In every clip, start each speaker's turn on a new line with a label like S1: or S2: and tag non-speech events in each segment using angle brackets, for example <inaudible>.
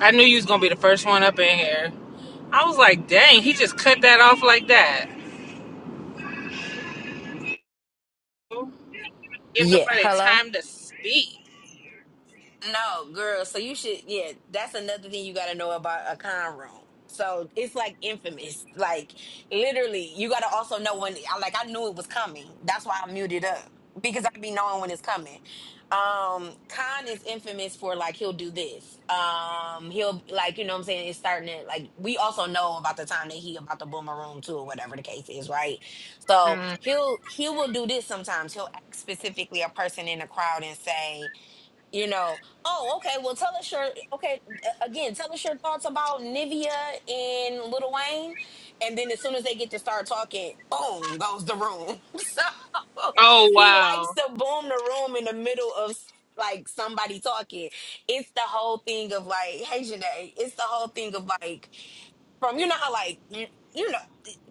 S1: I knew you was gonna be the first one up in here. I was like, dang, he just cut that off like that. Give
S2: Yeah,
S1: nobody
S2: hello?
S1: time to speak.
S2: No, girl, so you should yeah, that's another thing you gotta know about a con room. So it's like infamous. Like literally, you gotta also know when I like I knew it was coming. That's why I muted up. Because I be knowing when it's coming. Um Khan is infamous for like he'll do this. Um he'll like, you know what I'm saying, it's starting to like we also know about the time that he about to boom a room too or whatever the case is, right? So
S1: Mm.
S2: he'll he will do this sometimes. He'll ask specifically a person in the crowd and say, you know oh okay well tell us your okay a- again tell us your thoughts about nivea and Lil wayne and then as soon as they get to start talking boom goes the room <laughs> so
S1: Oh
S2: he likes
S1: wow.
S2: to boom the room in the middle of like somebody talking it's the whole thing of like hey Janae, it's the whole thing of like from you know how like you, you know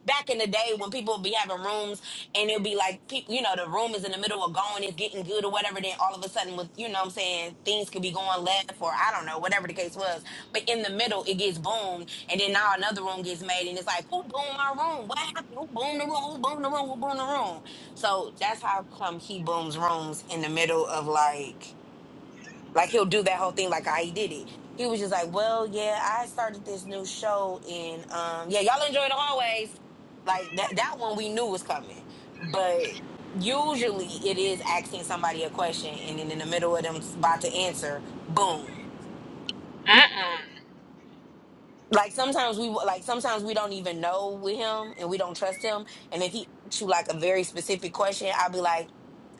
S2: back in the day when people be having rooms and it'll be like people you know the room is in the middle of going it's getting good or whatever then all of a sudden with you know what i'm saying things could be going left or i don't know whatever the case was but in the middle it gets boomed and then now another room gets made and it's like who boomed my room what happened who boomed the room who boomed the room who boomed the room so that's how come he booms rooms in the middle of like like he'll do that whole thing like I did it. He was just like, Well, yeah, I started this new show and um yeah, y'all enjoy the hallways. Like that that one we knew was coming. But usually it is asking somebody a question and then in the middle of them about to answer, boom
S1: Mm-mm.
S2: like sometimes we like sometimes we don't even know with him and we don't trust him and if he asks you like a very specific question i'll be like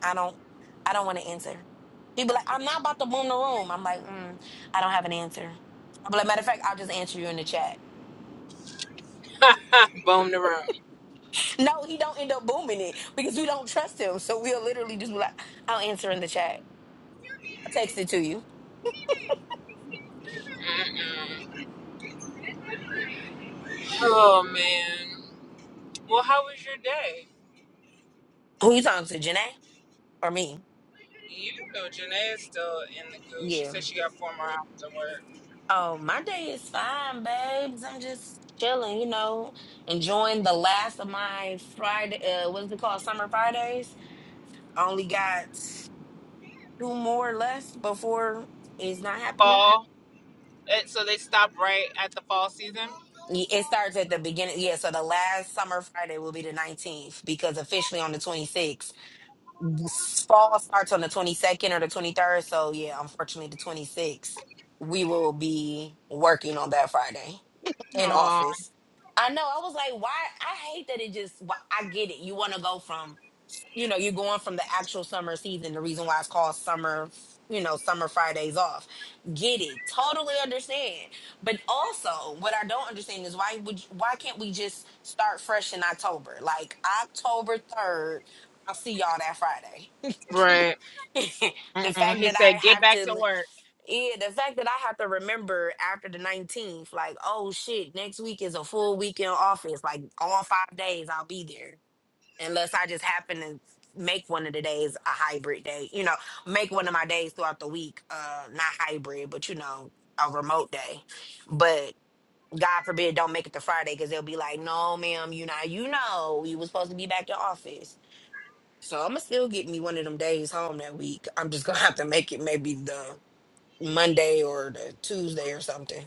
S2: i don't i don't want to answer he'd be like i'm not about to boom the room i'm like mm, i don't have an answer i'll be like matter of fact i'll just answer you in the chat
S1: Boom <laughs> the room.
S2: no he don't end up booming it because we don't trust him so we'll literally just be like i'll answer in the chat i'll text it to you
S1: Mm-mm. Oh man. Well, how was your day?
S2: who you talking to janae or me
S1: You know, Janae is still in the goo. She
S2: Yeah.
S1: said she got four more hours of work.
S2: Oh, my day is fine, babes. I'm just chilling, you know, enjoying the last of my Friday. Uh, what's it called? Summer Fridays. I only got two more left before it's not happening.
S1: Fall. Eh, So they stopped right at the fall season.
S2: Y- It starts at the beginning. Yeah, so the last Summer Friday will be the 19th because officially on the 26th. S- Fall starts on the 22nd or the 23rd. So, yeah, unfortunately, the 26th, we will be working on that Friday. in
S1: Oh,
S2: office. I know. I was like, why? I hate that it just. wh- I get it. You want to go from, you know, you're going from the actual summer season. The reason why it's called summer, you know, summer Fridays off. Get it. Totally understand. But also, what I don't understand is why would why can't we just start fresh in October? Like October third, I'll see y'all that Friday.
S1: right.
S2: <laughs> the
S1: Mm-mm.
S2: fact
S1: He
S2: that
S1: said,
S2: I
S1: "Get
S2: have
S1: back to
S2: to.
S1: work."
S2: Yeah, the fact that I have to remember after the 19th, like, oh shit, next week is a full weekend office. Like, all five days I'll be there. Unless I just happen to make one of the days a hybrid day, you know, make one of my days throughout the week, uh, not hybrid, but you know, a remote day. But God forbid, don't make it to Friday because they'll be like, no, ma'am, you know, you know, you was supposed to be back in office. So I'm gonna still get me one of them days home that week. I'm just gonna have to make it maybe the Monday or the Tuesday or something.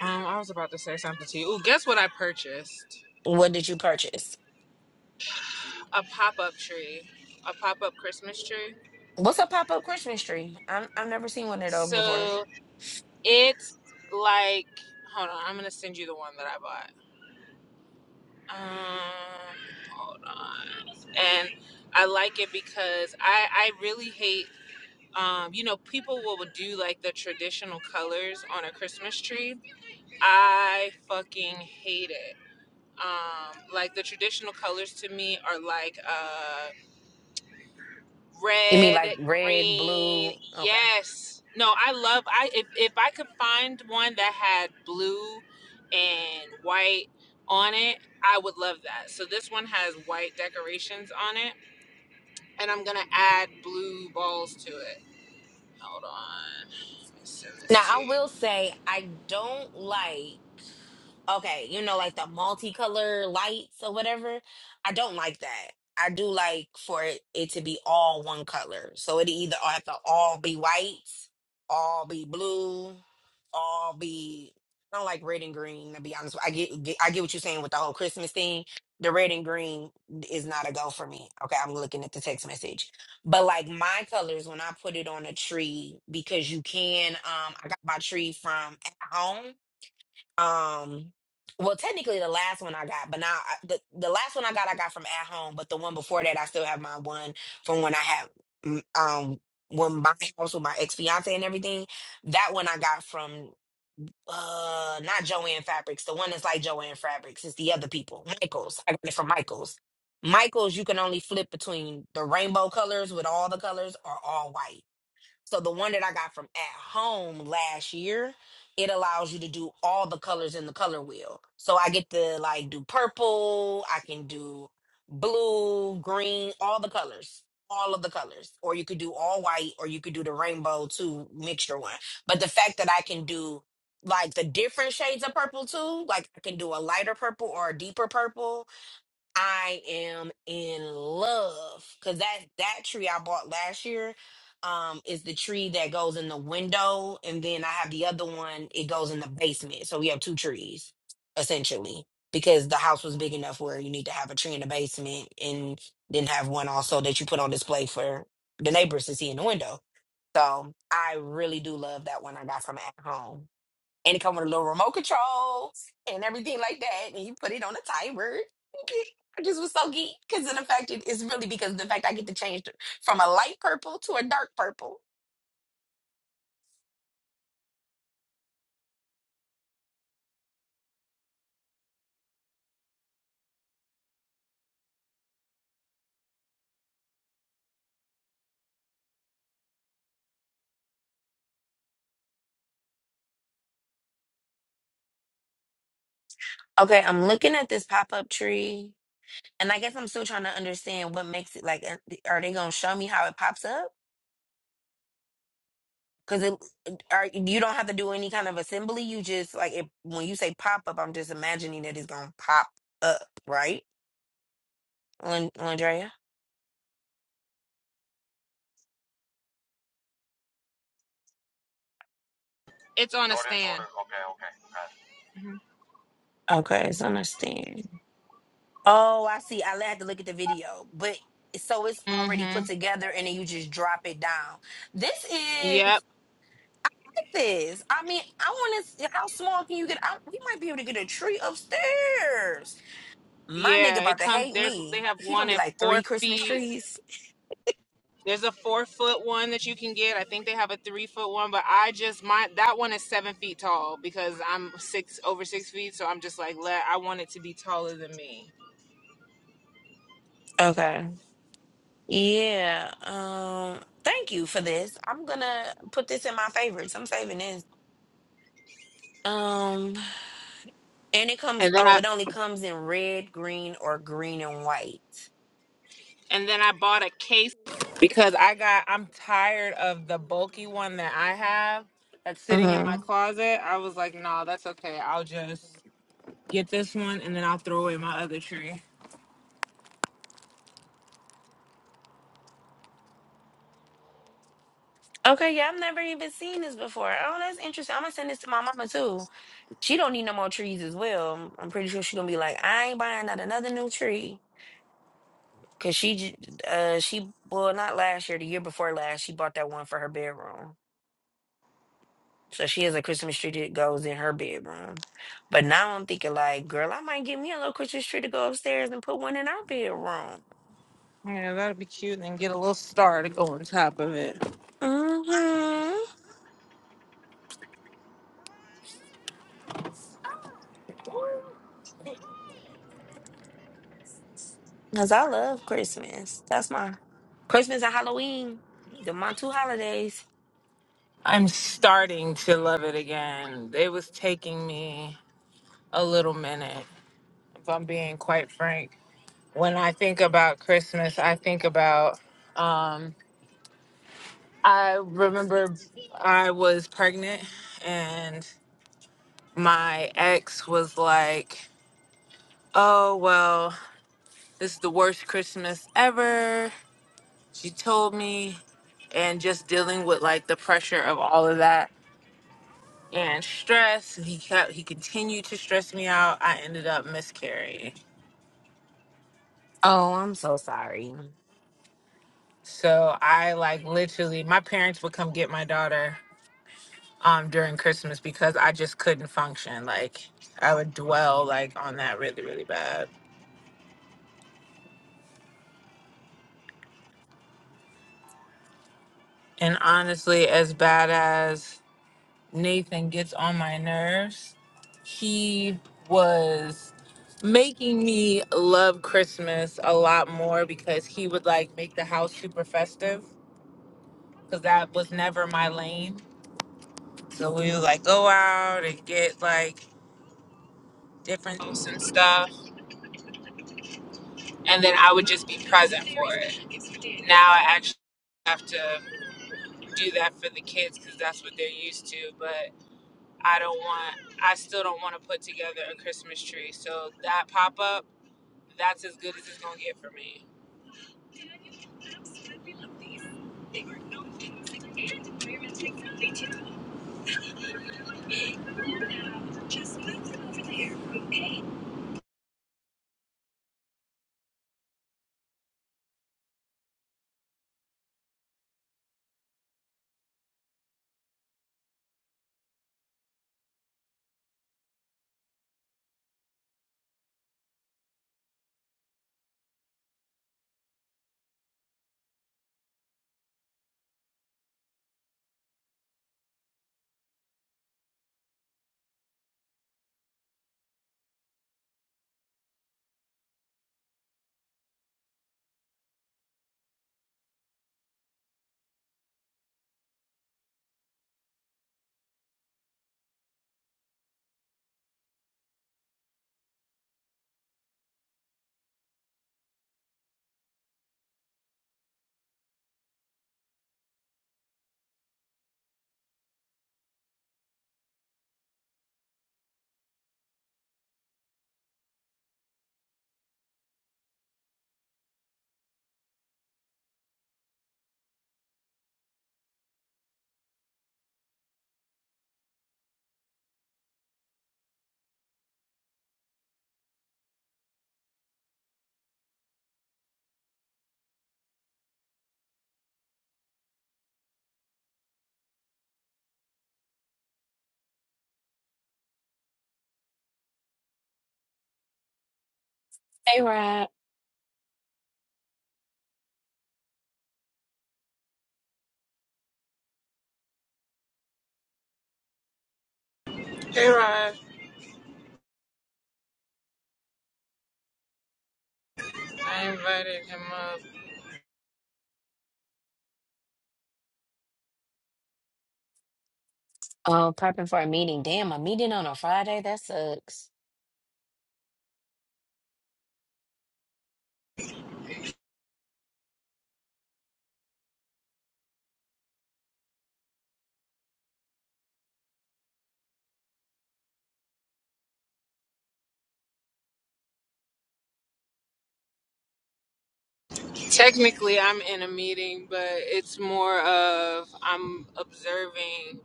S1: Um, I was about to say something to you. Ooh, guess what I purchased?
S2: What did you purchase?
S1: a pop-up tree a pop-up christmas tree
S2: What's a pop up Christmas tree? I'm, I've never seen one of those before.
S1: so it's like hold on i'm gonna send you the one that i bought um hold on and i like it because i i really hate um, you know, people will do like the traditional colors on a Christmas tree. I fucking hate it. Um, like the traditional colors to me are like uh
S2: You mean
S1: Red,
S2: like red,
S1: green,
S2: blue? Okay.
S1: yes. No, I love I if if I could find one that had blue and white on it, I would love that. So this one has white decorations on it, and I'm gonna add blue balls to it. Hold on, let me send
S2: Now,
S1: this to
S2: I
S1: you.
S2: will say I don't like. Okay, you know, like the multicolor lights or whatever. I don't like that. I do like for it, it to be all one color. So it either all have to all be white, all be blue, all be. I don't like red and green. To be honest, with- I get, get I get what you're saying with the whole Christmas thing. The red and green is not a go for me. Okay, I'm looking at the text message, but like my colors when I put it on a tree because you can. Um, I got my tree from at home um well technically the last one i got but now I, the, the last one i got i got from at home but the one before that i still have my one from when i had mm, um when my house with my ex-fiance and everything that one i got from uh not joanne fabrics the one that's like joanne fabrics it's the other people michael's i got it from michael's michael's you can only flip between the rainbow colors with all the colors or all white so the one that I got from at home last year, it allows you to do all the colors in the color wheel. So I get to like do purple, I can do blue, green, all the colors. All of the colors. Or you could do all white or you could do the rainbow too mixture one. But the fact that I can do like the different shades of purple too, like I can do a lighter purple or a deeper purple I am in love because that that tree I bought last year um is the tree that goes in the window and then I have the other one it goes in the basement so we have two trees essentially because the house was big enough where you need to have a tree in the basement and then have one also that you put on display for the neighbors to see in the window so I really do love that one I got from at home and it come with a little remote control and everything like that. And you put it on a timer. <laughs> I just was so geeked because of the fact it is really because of the fact I get to change th- from a light purple to a dark purple. Okay, I'm looking at this pop up tree, and I guess I'm still trying to understand what makes it like. Are are they gonna show me how it pops up? Because it, are you don't have to do any kind of assembly. You just like it, when you say pop up, I'm just imagining that it's gonna pop up, right? Lan- Landrea.
S1: It's on.
S2: Okay, it's understand. Oh, I see. I had to look at the video, but so it's already
S1: Mm-hmm.
S2: put together, and then you just drop it down. This is
S1: Yep.
S2: like this. I mean, I want to. How small can you get? I, we might be able to get a tree upstairs. My nigga
S1: Yeah, it
S2: about to
S1: comes.
S2: hate
S1: There's they
S2: me.
S1: have
S2: He
S1: one
S2: gonna be
S1: at
S2: like
S1: four
S2: three Christmas
S1: feet.
S2: trees.
S1: There's a four foot one that you can get. I think they have a three foot one, but I just my that one is seven feet tall because I'm six over six feet, so I'm just like let I want it to be taller than me.
S2: Okay. Yeah. Um. Thank you for this. I'm gonna put this in my favorites. I'm saving this. Um. And it comes.
S1: And then
S2: Oh,
S1: I
S2: it only comes in red, green, or green and white.
S1: and then I bought a case because I got I'm tired of the bulky one that I have that's sitting in
S2: hmm
S1: my closet. I was like, no, that's okay. I'll just get this one and then I'll throw away my other tree.
S2: Okay, yeah, I've never even seen this before. Oh, that's interesting. I'm gonna send this to my mama too. She don't need no more trees as well. I'm I'm pretty sure she gonna be like, I ain't buying not another new tree. Cause she, j- uh, she well, not last year, the year before last, she bought that one for her bedroom. So she has a Christmas tree that goes in her bedroom. But now I'm thinking like, girl, I might get me a little Christmas tree to go upstairs and put one in our bedroom.
S1: Yeah, that'll be cute and get a little star to go on top of it.
S2: Mm-hmm. Cause I love Christmas. That's my Christmas and Halloween. The my two holidays.
S1: I'm starting to love it again. It was taking me a little minute, if I'm being quite frank. When I think about Christmas, I think about, um, I remember I was pregnant and my ex was like, Oh, well, this is the worst Christmas ever. She told me, and just dealing with like the pressure of all of that and stress. He kept he continued to stress me out. I ended up miscarrying.
S2: Oh, I'm so sorry.
S1: So I like literally my parents would come get my daughter um during Christmas because I just couldn't function. Like I would dwell like on that really, really bad. And honestly, as bad as Nathan gets on my nerves, he was making me love Christmas a lot more because he would like make the house super festive because that was never my lane. So we would like go out and get like different drinks and stuff, and then I would just be present Now I actually have to do that for the kids because that's what they're used to. But I don't want, I still don't want to put together a Christmas tree. So that pop up, that's as good as it's gonna get for me.
S2: Hey, Rob.
S1: Hey Rod, I invited him up.
S2: Oh, prepping for a meeting. Damn, a meeting on a Friday? That sucks.
S1: Technically, I'm in a meeting, but it's more of I'm observing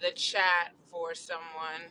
S1: the chat for someone.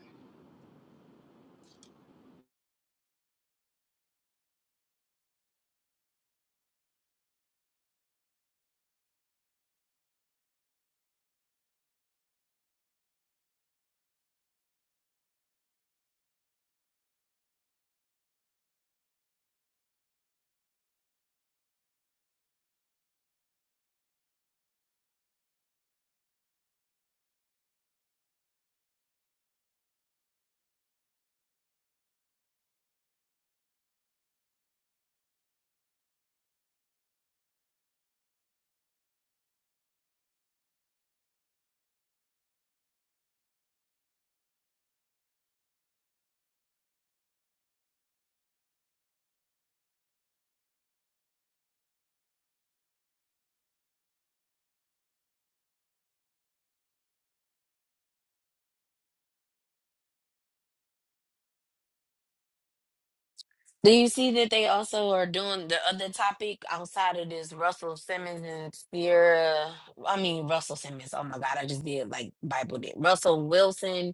S2: Do you see that they also are doing the other topic outside of this Russell Simmons and Sierra? I mean Russell Simmons. Oh my God, I just did like Bible did. Russell Wilson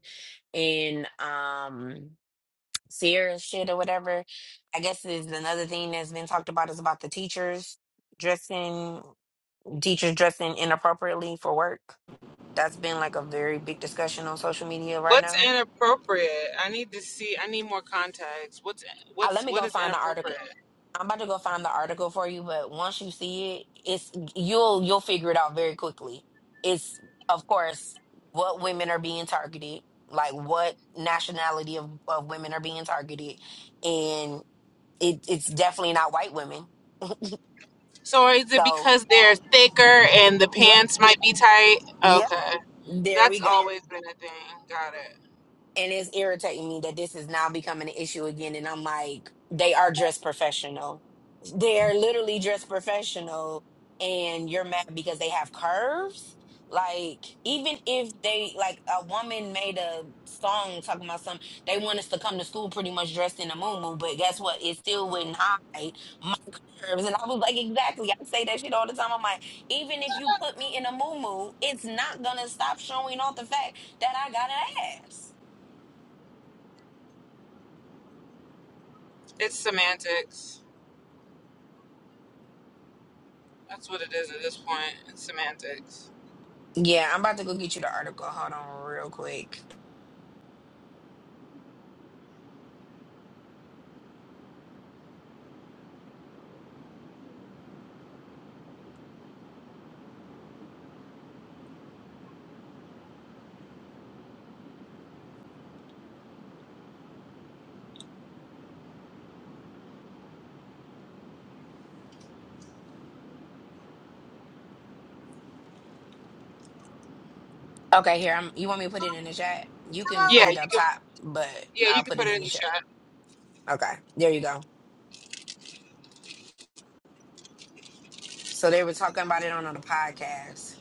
S2: and um serious shit or whatever. I guess is another thing that's been talked about is about the teachers dressing teachers dressing inappropriately for work. That's been like a very big discussion on social media right
S1: What's
S2: now.
S1: inappropriate? I need to see. I need more context. What's
S2: Uh,
S1: what's
S2: let me
S1: what
S2: go
S1: is
S2: find the article.
S1: inappropriate?
S2: I'm about to go find the article for you, but once you see it, it's you'll you'll figure it out very quickly. It's of course what women are being targeted, like what nationality of, of women are being targeted, and it, it's definitely not white women
S1: So is it
S2: So,
S1: because they're thicker and the
S2: yep,
S1: pants might be tight?
S2: yep,
S1: Okay,
S2: there we
S1: that's
S2: go.
S1: always been a thing. Got it.
S2: and it's irritating me that this is now becoming an issue again and i'm like they are dressed professional they're literally dressed professional and you're mad because they have curves like even if they like a woman made a song talking about something they want us to come to school pretty much dressed in a muumuu, but guess what it still wouldn't hide my curves and i was like exactly i say that shit all the time i'm like even if you put me in a muumuu, it's not gonna stop showing off the fact that i got an ass
S1: It's semantics. That's what it is at this point. It's semantics.
S2: Yeah, I'm about to go get you the article. Hold on real quick. Okay, here. I'm, you want me to put it in the chat? You can put it
S1: you,
S2: up top, but
S1: yeah,
S2: I'll
S1: you can
S2: put
S1: put
S2: it
S1: it
S2: in
S1: in
S2: the
S1: the
S2: chat.
S1: chat.
S2: Okay, there you go. So they were talking about it on the podcast.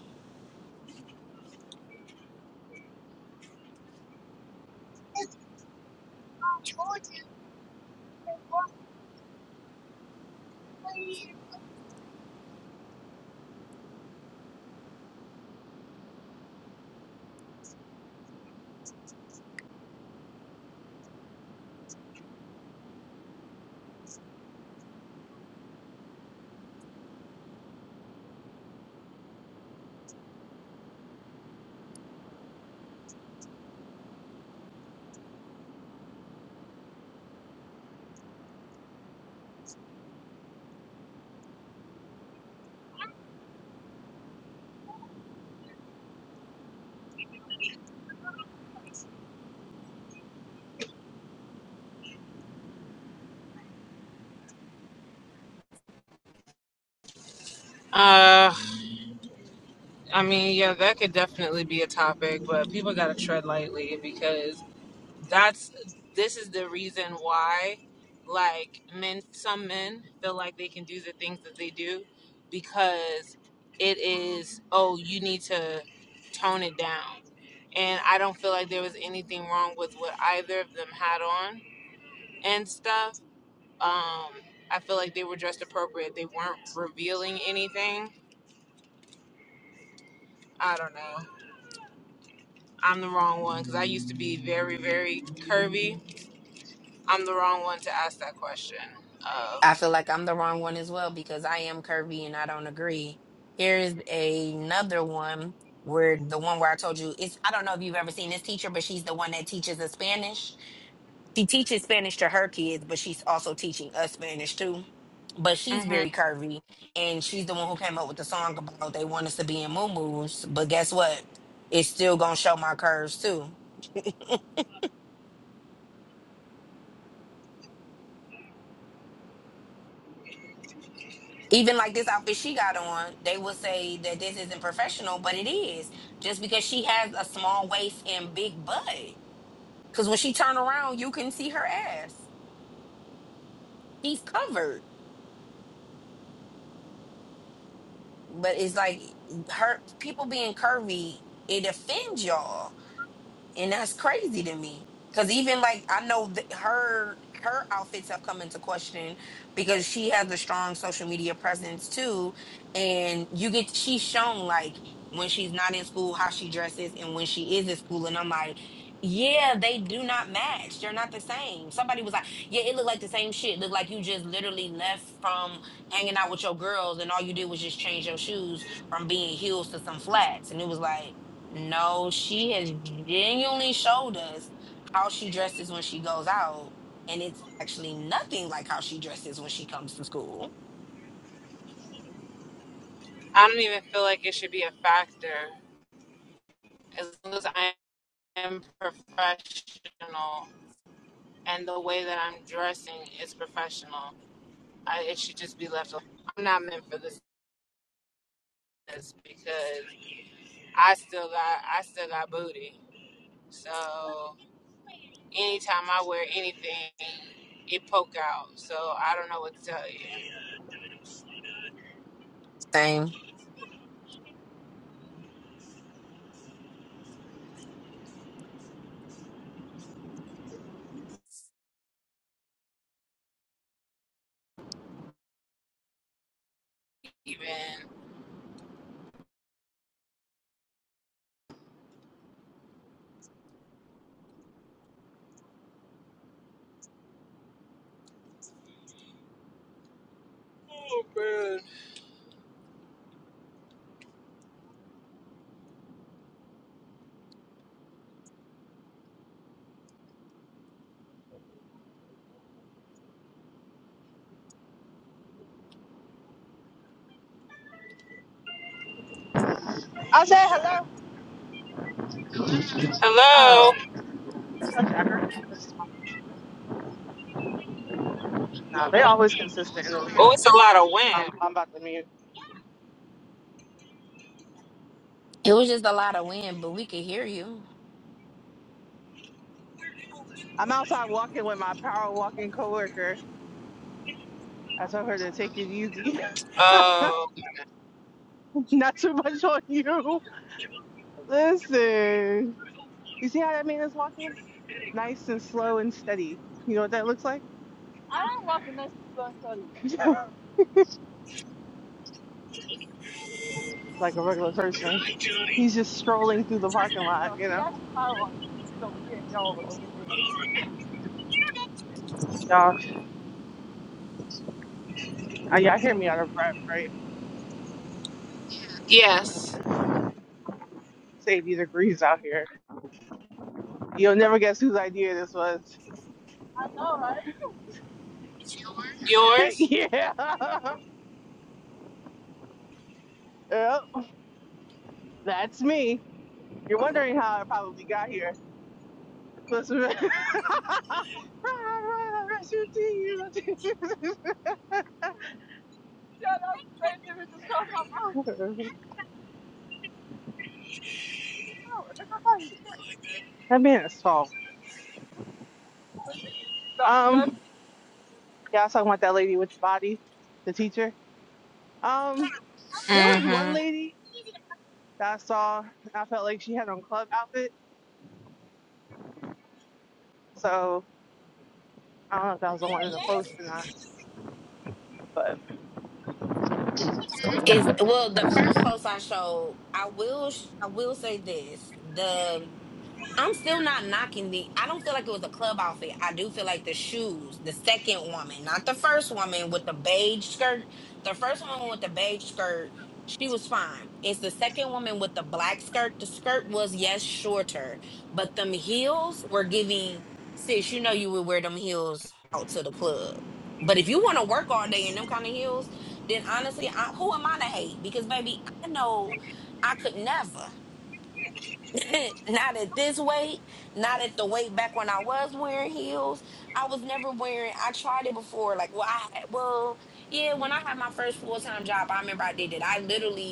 S1: Uh, I mean, yeah, that could definitely be a topic, but people gotta tread lightly because that's this is the reason why like men some men feel like they can do the things that they do because it is oh you need to tone it down and i don't feel like there was anything wrong with what either of them had on and stuff um i feel like they were dressed appropriate they weren't revealing anything i don't know i'm the wrong one because i used to be very very curvy i'm the wrong one to ask that question of
S2: I feel like I'm the wrong one as well because I am curvy and I don't agree. Here's another one where the one where I told you it's I don't know if you've ever seen this teacher, but she's the one that teaches the Spanish. she teaches Spanish to her kids, but she's also teaching us Spanish too. But she's
S1: hmm
S2: very curvy, and she's the one who came up with the song about they want us to be in muumuus. But guess what? It's still gonna show my curves too. Even like this outfit she got on, they will say that this isn't professional, but it is just because she has a small waist and big butt. Because when she turn around, you can see her ass. She's covered, but it's like her people being curvy. It offends y'all and that's crazy to me because even like i know th- her her outfits have come into question because she has a strong social media presence too and you get she's shown like when she's not in school how she dresses and when she is in school and i'm like yeah they do not match they're not the same somebody was like yeah it looked like the same shit looked like you just literally left from hanging out with your girls and all you did was just change your shoes from being heels to some flats and it was like no, she has genuinely showed us how she dresses when she goes out, and it's actually nothing like how she dresses when she comes to school.
S1: I don't even feel like it should be a factor as long as I am professional and the way that I'm dressing is professional. I, it should just be left. alone. I'm not meant for this because I still got I still got booty. So anytime I wear anything, it poke out. So I don't know what to tell you.
S2: Same.
S1: Even oh man.
S3: I said hello.
S1: Hello.
S3: Oh, such effort. No, they always consistent in the league.
S1: Oh, it's a lot of
S3: Um,
S1: wind.
S3: I'm about to mute.
S2: It was just a lot of wind, but we could hear you.
S3: I'm outside walking with my power walking coworker. I told her to take it easy,
S1: Oh
S3: <laughs> not too much on you. Listen, you see how that man is walking? Nice and slow and steady. You know what that looks like? <laughs> like a regular person. He's just strolling through the parking lot, you know. Y'all, uh, y'all hear me out of breath, right?
S1: yes.
S3: It's 80 degrees out here. You'll never guess whose idea this was. <laughs>
S1: Yours.
S3: yeah. <laughs> Yep. That's me. You're wondering how I probably got here. Listen. <laughs> that man is tall. Um, yeah, I was talking about that lady with the body, the teacher. Um, there was one lady that I saw, and I felt like she had on club outfit. So I don't know if that was the one in the post or not. But
S2: Is well, the first post I showed, I will, sh- I will say this: the I'm still not knocking the. I don't feel like it was a club outfit. I do feel like the shoes. The second woman, not the first woman with the beige skirt. The first woman with the beige skirt, she was fine. It's the second woman with the black skirt. The skirt was yes shorter, but them heels were giving sis. You know you would wear them heels out to the club. But if you want to work all day in them kind of heels, then honestly, I, who am I to hate? Because baby, I know I could never. <laughs> not at this weight, not at the weight back when I was wearing heels. I was never wearing. I tried it before. Like, well, I had, well, yeah. When I had my first full time job, I remember I did it. I literally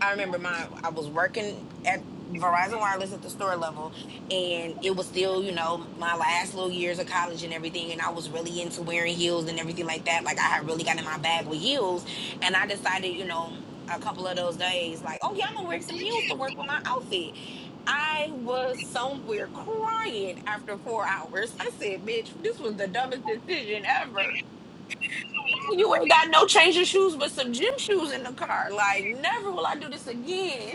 S2: I remember my I was working at Verizon Wireless at the store level and it was still, you know, my last little years of college and everything and I was really into wearing heels and everything like that. Like I had really got in my bag with heels and I decided, you know, a couple of those days like, "Oh yeah, I'm going to wear some heels to work with my outfit." I was somewhere crying after 4 hours. I said, "Bitch, this was the dumbest decision ever." You ain't got no change of shoes but some gym shoes in the car. Like, never will I do this again.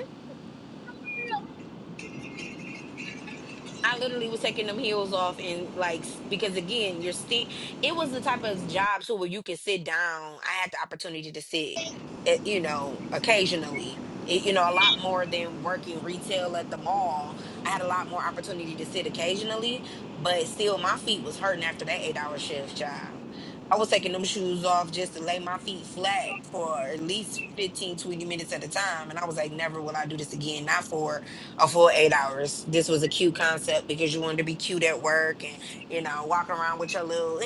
S2: I literally was taking them heels off and like s- because again, you're sti- It was the type of job so where you could sit down. I had the opportunity to sit, eh, you know, occasionally. Eh, you know, a lot more than working retail at the mall. I had a lot more opportunity to sit occasionally, but still, my feet was hurting after that eight-hour shift, child. I was taking them shoes off just to lay my feet flat for at least 15 20 minutes at a time. And I was like, never will I do this again. Not for a full eight hours. This was a cute concept because you wanted to be cute at work and you know walk around with your little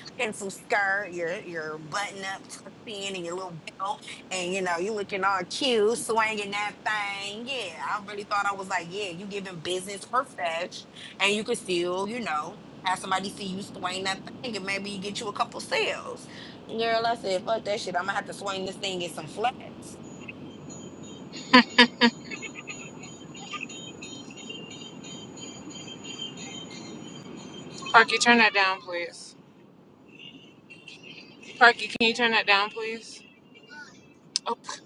S2: <laughs> pencil skirt, your your button up tucked in, and your little belt, and you know you looking all cute, swinging that thing. Yeah, I really thought I was like, yeah, you giving business her fetch, and you could still you know have somebody see you swing that thing, and maybe you get you a couple sales. Girl, I said, fuck that shit. I'm gonna have to swing this thing and get some flags.
S1: Parky, turn that down, please. Parky, can you turn that down, please? Oh, p-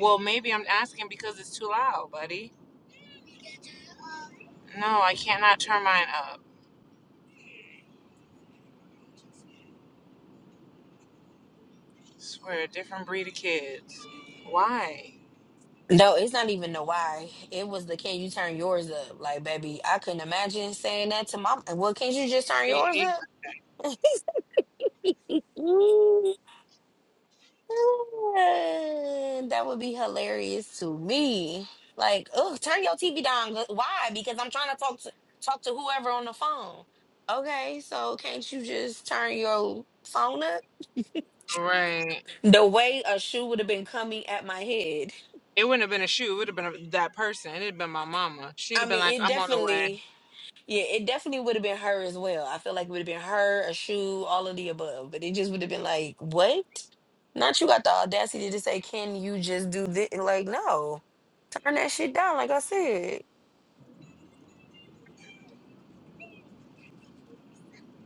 S1: well, maybe I'm asking because it's too loud, buddy. No, I cannot turn mine up. Swear, a different breed of kids. Why?
S2: No, it's not even the why. It was the can you turn yours up? Like, baby, I couldn't imagine saying that to mom. Well, can't you just turn
S1: It,
S2: yours
S1: it,
S2: up? <laughs> that would be hilarious to me. Like, oh, turn your TV down. Why? Because I'm trying to talk to talk to whoever on the phone. Okay, so can't you just turn your phone up?
S1: right.
S2: The way a shoe would have been coming at my head.
S1: It wouldn't have been a shoe. It would have been a, that person. It'd have been my mama. She'd
S2: I
S1: have been like,
S2: mean, it
S1: "I'm on the way."
S2: definitely. Yeah, it definitely would have been her as well. I feel like it would have been her, a shoe, all of the above. But it just would have been like, what? Not you got the audacity to say, can you just do this? Like, no, turn that shit down. Like I said,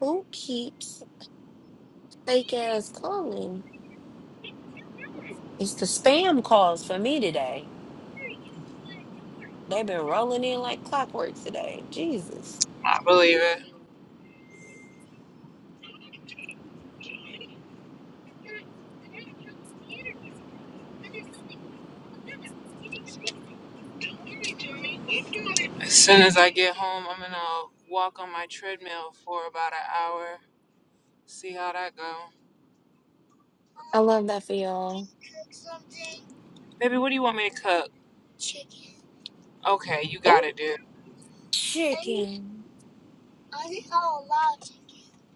S2: who keeps fake ass calling? It's the spam calls for me today. They've been rolling in like clockwork today. Jesus.
S1: I believe it. As soon as I get home, I'm gonna walk on my treadmill for about an hour. See how that go.
S2: I love that for y'all.
S1: Baby, what do you want me to cook? Okay, you
S2: Oh,
S1: got it, dude.
S2: chicken.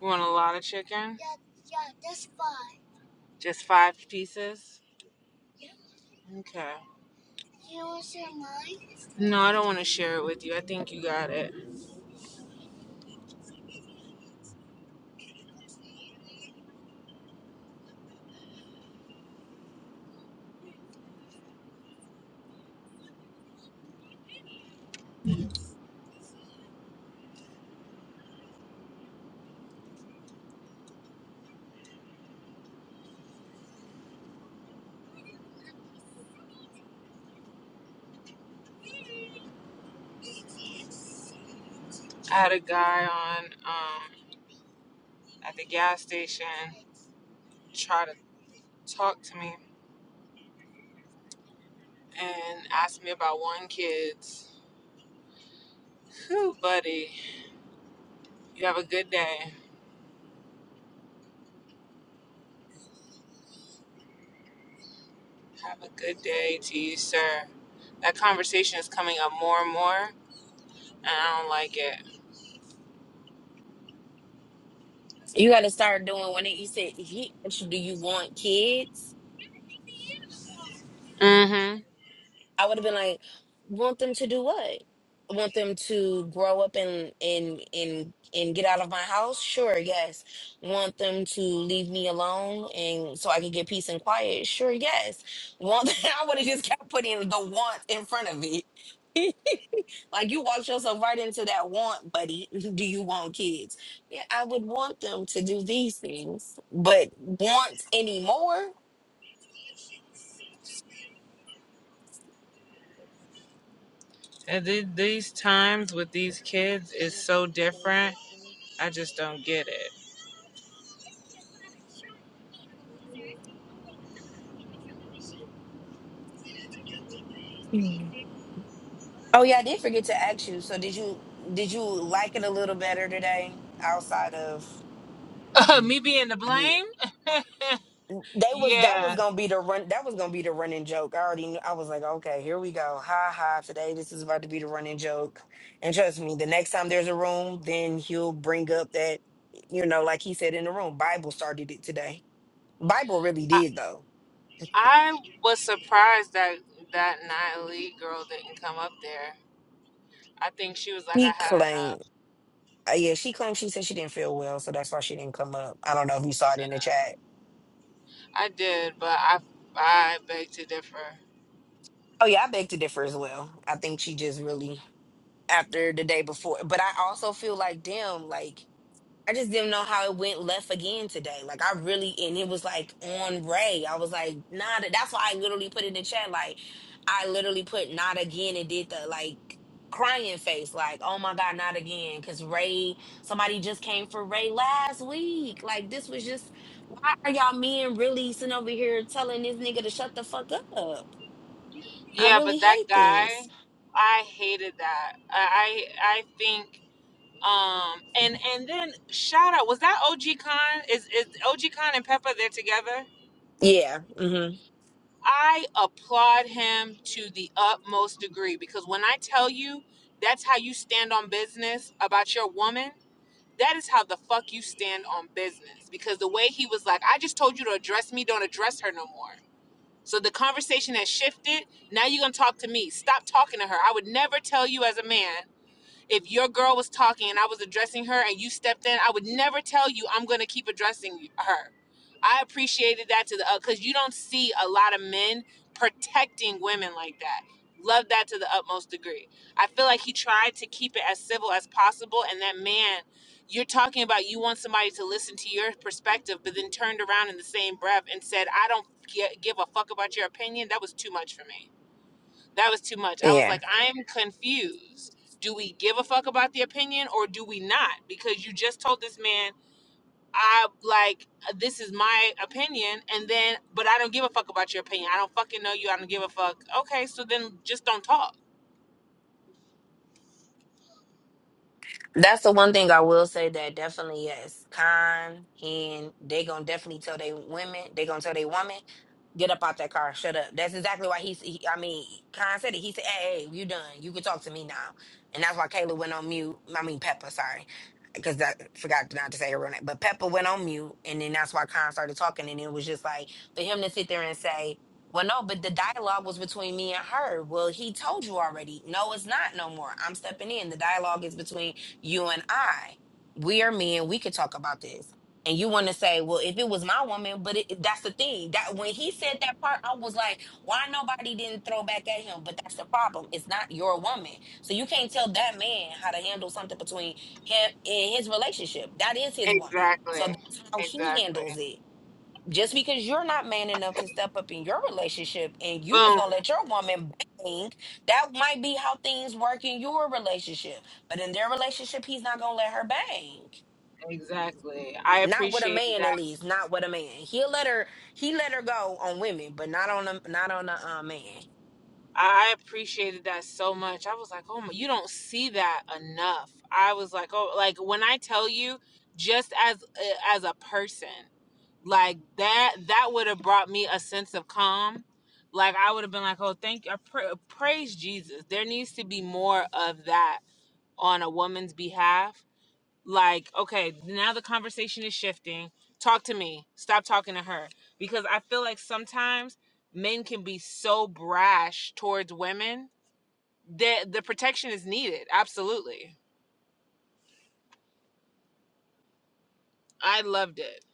S1: You want a lot of chicken? Just five pieces? Okay. No, I don't want to share it with you. I think you got it. I had a guy on um, at the gas station try to talk to me and ask me about one kid's. Whew, buddy, you have a good day. Have a good day to you, sir. That conversation is coming up more and more, and I don't like it.
S2: You got to start doing when it, you said, he asked you, do you want kids?
S1: Mm-hmm.
S2: I would have been like, want them to do what? Want them to grow up and and and and get out of my house? Sure, yes. Want them to leave me alone and so I can get peace and quiet? Sure, yes. Want <laughs> I would have just kept putting the want in front of it. <laughs> like you walked yourself right into that want, buddy. <laughs> Do you want kids? Yeah, I would want them to do these things, but want any more?
S1: And th- these times with these kids is so different. I just don't get
S2: Oh yeah, I did forget to ask you. So did you did you like it a little better today outside of
S1: it. <laughs> me being to
S2: yeah.
S1: blame?
S2: They was that was
S1: Yeah,
S2: gonna be the run that was gonna be the running joke. I already knew I was like, okay, here we go. Ha ha today this is about to be the running joke. And trust me, the next time there's a room, then he'll bring up that, you know, like he said in the room, Bible started it today. Bible really
S1: I,
S2: did though.
S1: I was surprised that that Natalie girl didn't come up there. I think she was like, I
S2: He
S1: had
S2: claimed
S1: enough.
S2: uh, yeah, she claimed she said she didn't feel well, so that's why she didn't come up. I don't know if you saw it in the chat.
S1: I did, but I I beg to differ.
S2: Oh yeah, I beg to differ as well. I think she just really after the day before, but I also feel like damn, like I just didn't know how it went left again today. Like I really, and it was like on Ray. I was like, nah. that- That's why I literally put in the chat. Like I literally put not again and did the like crying face. Like oh my god, not again. Because Ray, somebody just came for Ray last week. Like this was just why are y'all men really sitting over here telling this nigga to shut the fuck up? I
S1: Yeah,
S2: really
S1: but that
S2: hate this.
S1: guy, I hated that. I I I think um and and then shout out was that OG Khan? Is is OG Khan and Peppa they're together?
S2: Yeah. hmm
S1: I applaud him to the utmost degree because when I tell you that's how you stand on business about your woman That is how the fuck you stand on business. Because the way he was like, I just told you to address me, don't address her no more. So the conversation has shifted. Now you're gonna talk to me. Stop talking to her. I would never tell you as a man if your girl was talking and I was addressing her and you stepped in, I would never tell you I'm going to keep addressing her. I appreciated that to the because you don't see a lot of men protecting women like that. Love that to the utmost degree. I feel like he tried to keep it as civil as possible, and that man you're talking about you want somebody to listen to your perspective, but then turned around in the same breath and said, I don't gi- give a fuck about your opinion. That was too much for me. That was too much. I was
S2: Yeah.
S1: like, I'm confused. Do we give a fuck about the opinion or do we not? Because you just told this man, I like, this is my opinion. And then, but I don't give a fuck about your opinion. I don't fucking know you. I don't give a fuck. Okay, so then just don't talk.
S2: That's the one thing I will say that definitely yes. Con and they gonna definitely tell they women, they gonna tell they woman, get up out that car, shut up. That's exactly why he's. He, I mean, Con said it. He said, "Hey, hey, you done? You can talk to me now." And that's why Kayla went on mute. I mean, Peppa, sorry, because I forgot not to say her real name. But Peppa went on mute, and then that's why Con started talking, and it was just like for him to sit there and say. Well, no, but the dialogue was between me and her. Well, he told you already. No, it's not no more. I'm stepping in. The dialogue is between you and I, we are men, we could talk about this. And you want to say, well, if it was my woman, but it, that's the thing that when he said that part, I was like, why nobody didn't throw back at him? But that's the problem. It's not your woman, so you can't tell that man how to handle something between him and his relationship. That is his woman, so
S1: Exactly.
S2: that's how he
S1: Exactly.
S2: handles it just because you're not man enough to step up in your relationship and you just
S1: Boom.
S2: gonna let your woman bang, that might be how things work in your relationship. But in their relationship, he's not gonna let her bang.
S1: Exactly. I
S2: Not with a
S1: appreciate
S2: man,
S1: that.
S2: at least. Not with a man. He'll let her. He let her go on women, but not on a not on a uh, man.
S1: I appreciated that so much. I was like, oh my, you don't see that enough. I was like, oh, like when I tell you, just as eh, as a person, like that, that would have brought me a sense of calm. Like I would have been like, oh, thank you, I pra- praise Jesus. There needs to be more of that on a woman's behalf. Like, okay, now the conversation is shifting. Talk to me. Stop talking to her because I feel like sometimes men can be so brash towards women the the protection is needed. Absolutely. I loved it.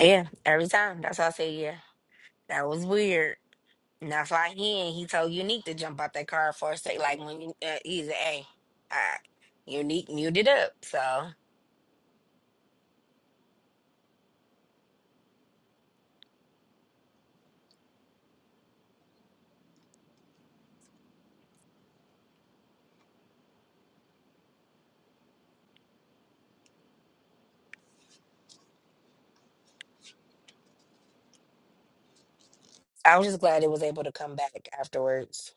S2: Yeah, every time. That's why I say yeah. That was weird. And that's why he and he told Unique to jump out that car for a sec. Like when you- uh, he's a, hey, all right, Unique muted up. So I was just glad it was able to come back afterwards.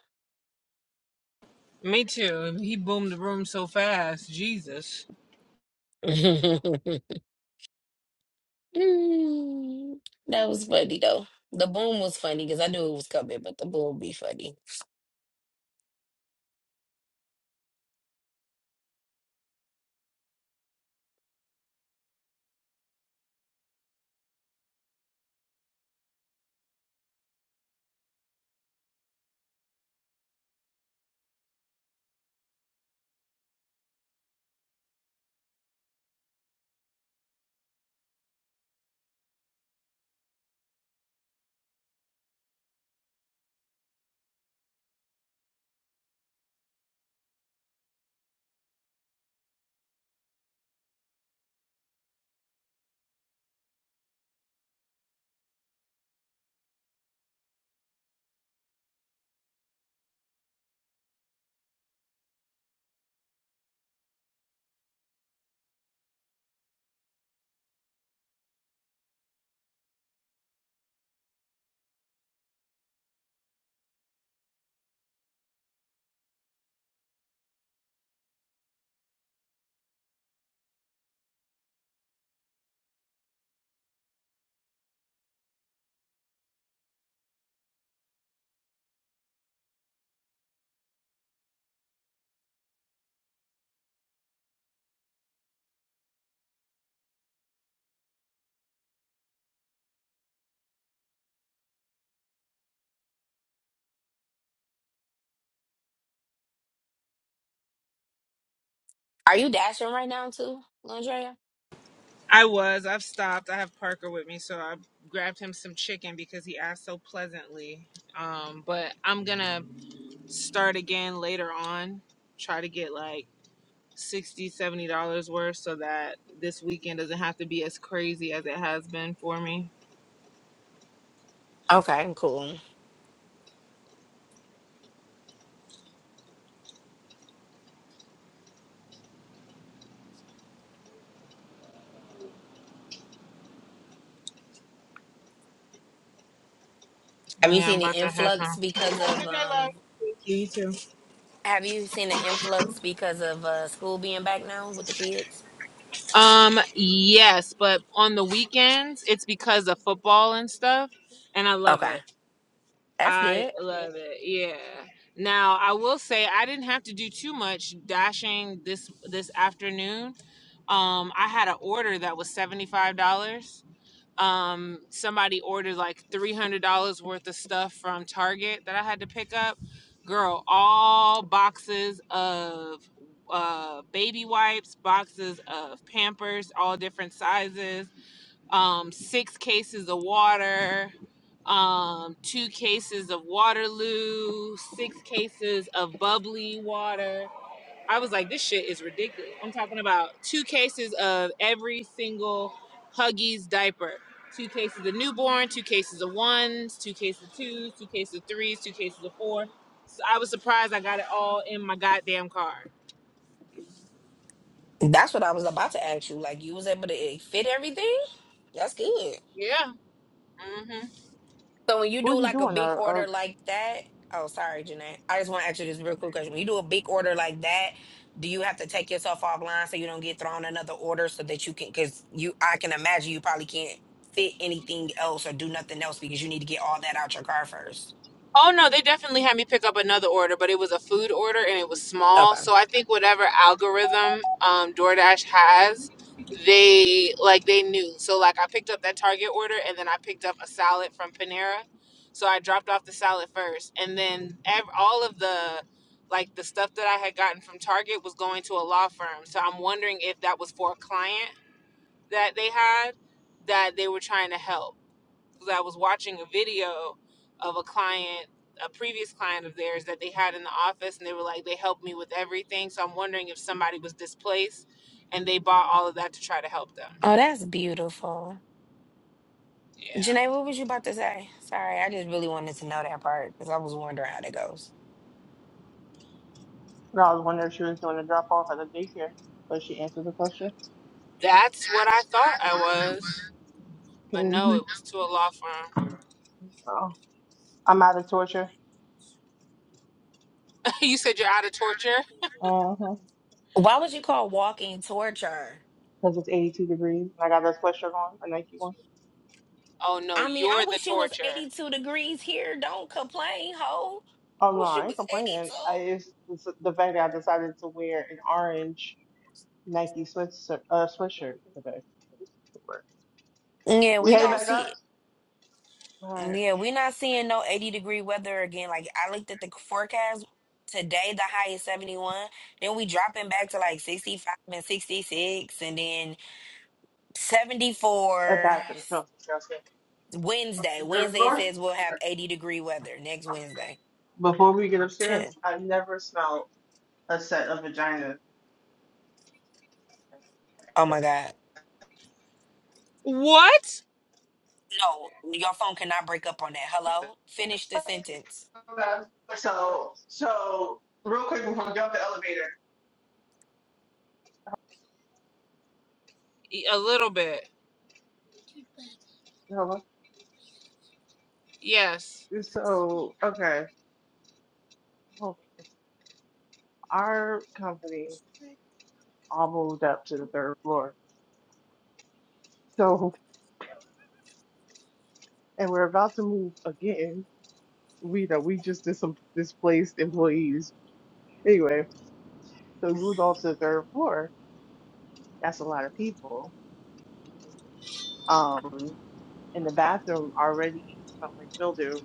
S1: Me too. He boomed the room so fast. Jesus.
S2: <laughs> that was funny though. The boom was funny because I knew it was coming, but the boom be funny. Are you dashing right now too, Andrea?
S1: I was. I've stopped. I have Parker with me, so I grabbed him some chicken because he asked so pleasantly. Um, but I'm gonna start again later on. Try to get like 60 70 dollars worth so that this weekend doesn't have to be as crazy as it has been for me
S2: Okay, cool. Have you
S1: yeah i'm
S2: seen the
S1: about to head
S2: influx
S1: home
S2: because of
S1: okay love
S2: um?
S1: Thank you, you too
S2: Have you seen the influx because of uh school being back now with the kids?
S1: um yes but on the weekends it's because of football and stuff and i love
S2: Okay,
S1: it
S2: that's
S1: i
S2: good.
S1: love it yeah now i will say i didn't have to do too much dashing this this afternoon um i had an order that was $75 um somebody ordered like $300 worth of stuff from Target that I had to pick up. Girl, all boxes of uh baby wipes, boxes of Pampers, all different sizes, um 6 cases of water, um 2 cases of Waterloo, 6 cases of bubbly water. I was like, this shit is ridiculous. I'm talking about two cases of every single Huggies diaper. Two cases of newborn, two cases of ones, two cases of twos, two cases of threes, two cases of four. So I was surprised I got it all in my goddamn car.
S2: That's what I was about to ask you. Like you was able to eh, fit everything. That's good.
S1: Yeah. hmm
S2: So when you
S3: what was
S2: do
S3: she
S2: like a
S3: doing?
S2: big
S3: Uh, uh,
S2: order like that, oh sorry, Jeanette. I just want to ask you this real quick question. When you do a big order like that, do you have to take yourself offline so you don't get thrown another order so that you can because you I can imagine you probably can't fit anything else or do nothing else because you need to get all that out your car first.
S1: Oh no, they definitely had me pick up another order, but it was a food order and it was small.
S2: Okay.
S1: So I think whatever algorithm um, DoorDash has, they like they knew. So like I picked up that Target order and then I picked up a salad from Panera. So I dropped off the salad first, and then ev- all of the like the stuff that I had gotten from Target was going to a law firm. So I'm wondering if that was for a client that they had that they were trying to help. 'cause I was watching a video of a client, a previous client of theirs that they had in the office, and they were like, they helped me with everything. So I'm wondering if somebody was displaced and they bought all of that to try to help them.
S2: Oh, that's beautiful.
S1: Yeah.
S2: Janae, what was you about to say? Sorry, I just really wanted to know that part because I was wondering how that goes.
S3: no, I was wondering if she was doing a drop off at the daycare, but she answered the question.
S1: That's what I thought I was. But
S3: hmm
S1: no, it was to a law firm.
S3: Oh. I'm out of torture.
S1: <laughs> you said you're out of torture?
S3: Uh-huh.
S2: Why would you call walking torture?
S3: Because it's 82 degrees and I got that sweatshirt on, a Nike one.
S1: Oh no,
S2: I mean, I
S1: you're the
S2: wish it was
S1: torture.
S2: 82 degrees here. Don't complain, ho.
S3: Oh no,
S2: Wish it
S3: I
S2: was
S3: ain't complaining. I, it's, it's the fact that I decided to wear an orange Nike sweatshirt, uh, sweatshirt today. to work.
S2: 82. Yeah,
S3: We
S2: we
S3: headed
S2: don't
S3: back up.
S2: see
S3: All right.
S2: yeah, we're not seeing no 80 degree weather again. Like I looked at the forecast today, the high is 71. Then we dropping back to like 65 and 66 and then
S3: That
S2: 74
S3: bathroom smells disgusting. Up
S2: Wednesday.
S3: the third
S2: Wednesday it
S3: floor.
S2: says we'll have 80 degree weather next Wednesday.
S3: Before we get
S2: <laughs>
S3: upstairs,
S2: oh
S3: I've never smelled a set of vaginas.
S2: my God.
S1: What?
S2: No, your phone cannot break up on that. Hello? Finish the sentence.
S3: Okay. So, so real quick before we get off the elevator.
S1: E- A little bit.
S3: Hello?
S1: Yes.
S3: So, okay. our company all moved up to the third floor. So, and we're about to move again. We know we just did some displaced employees. Anyway, so we moved off to the third floor. That's a lot of people. Um, and the bathroom already smelled like mildew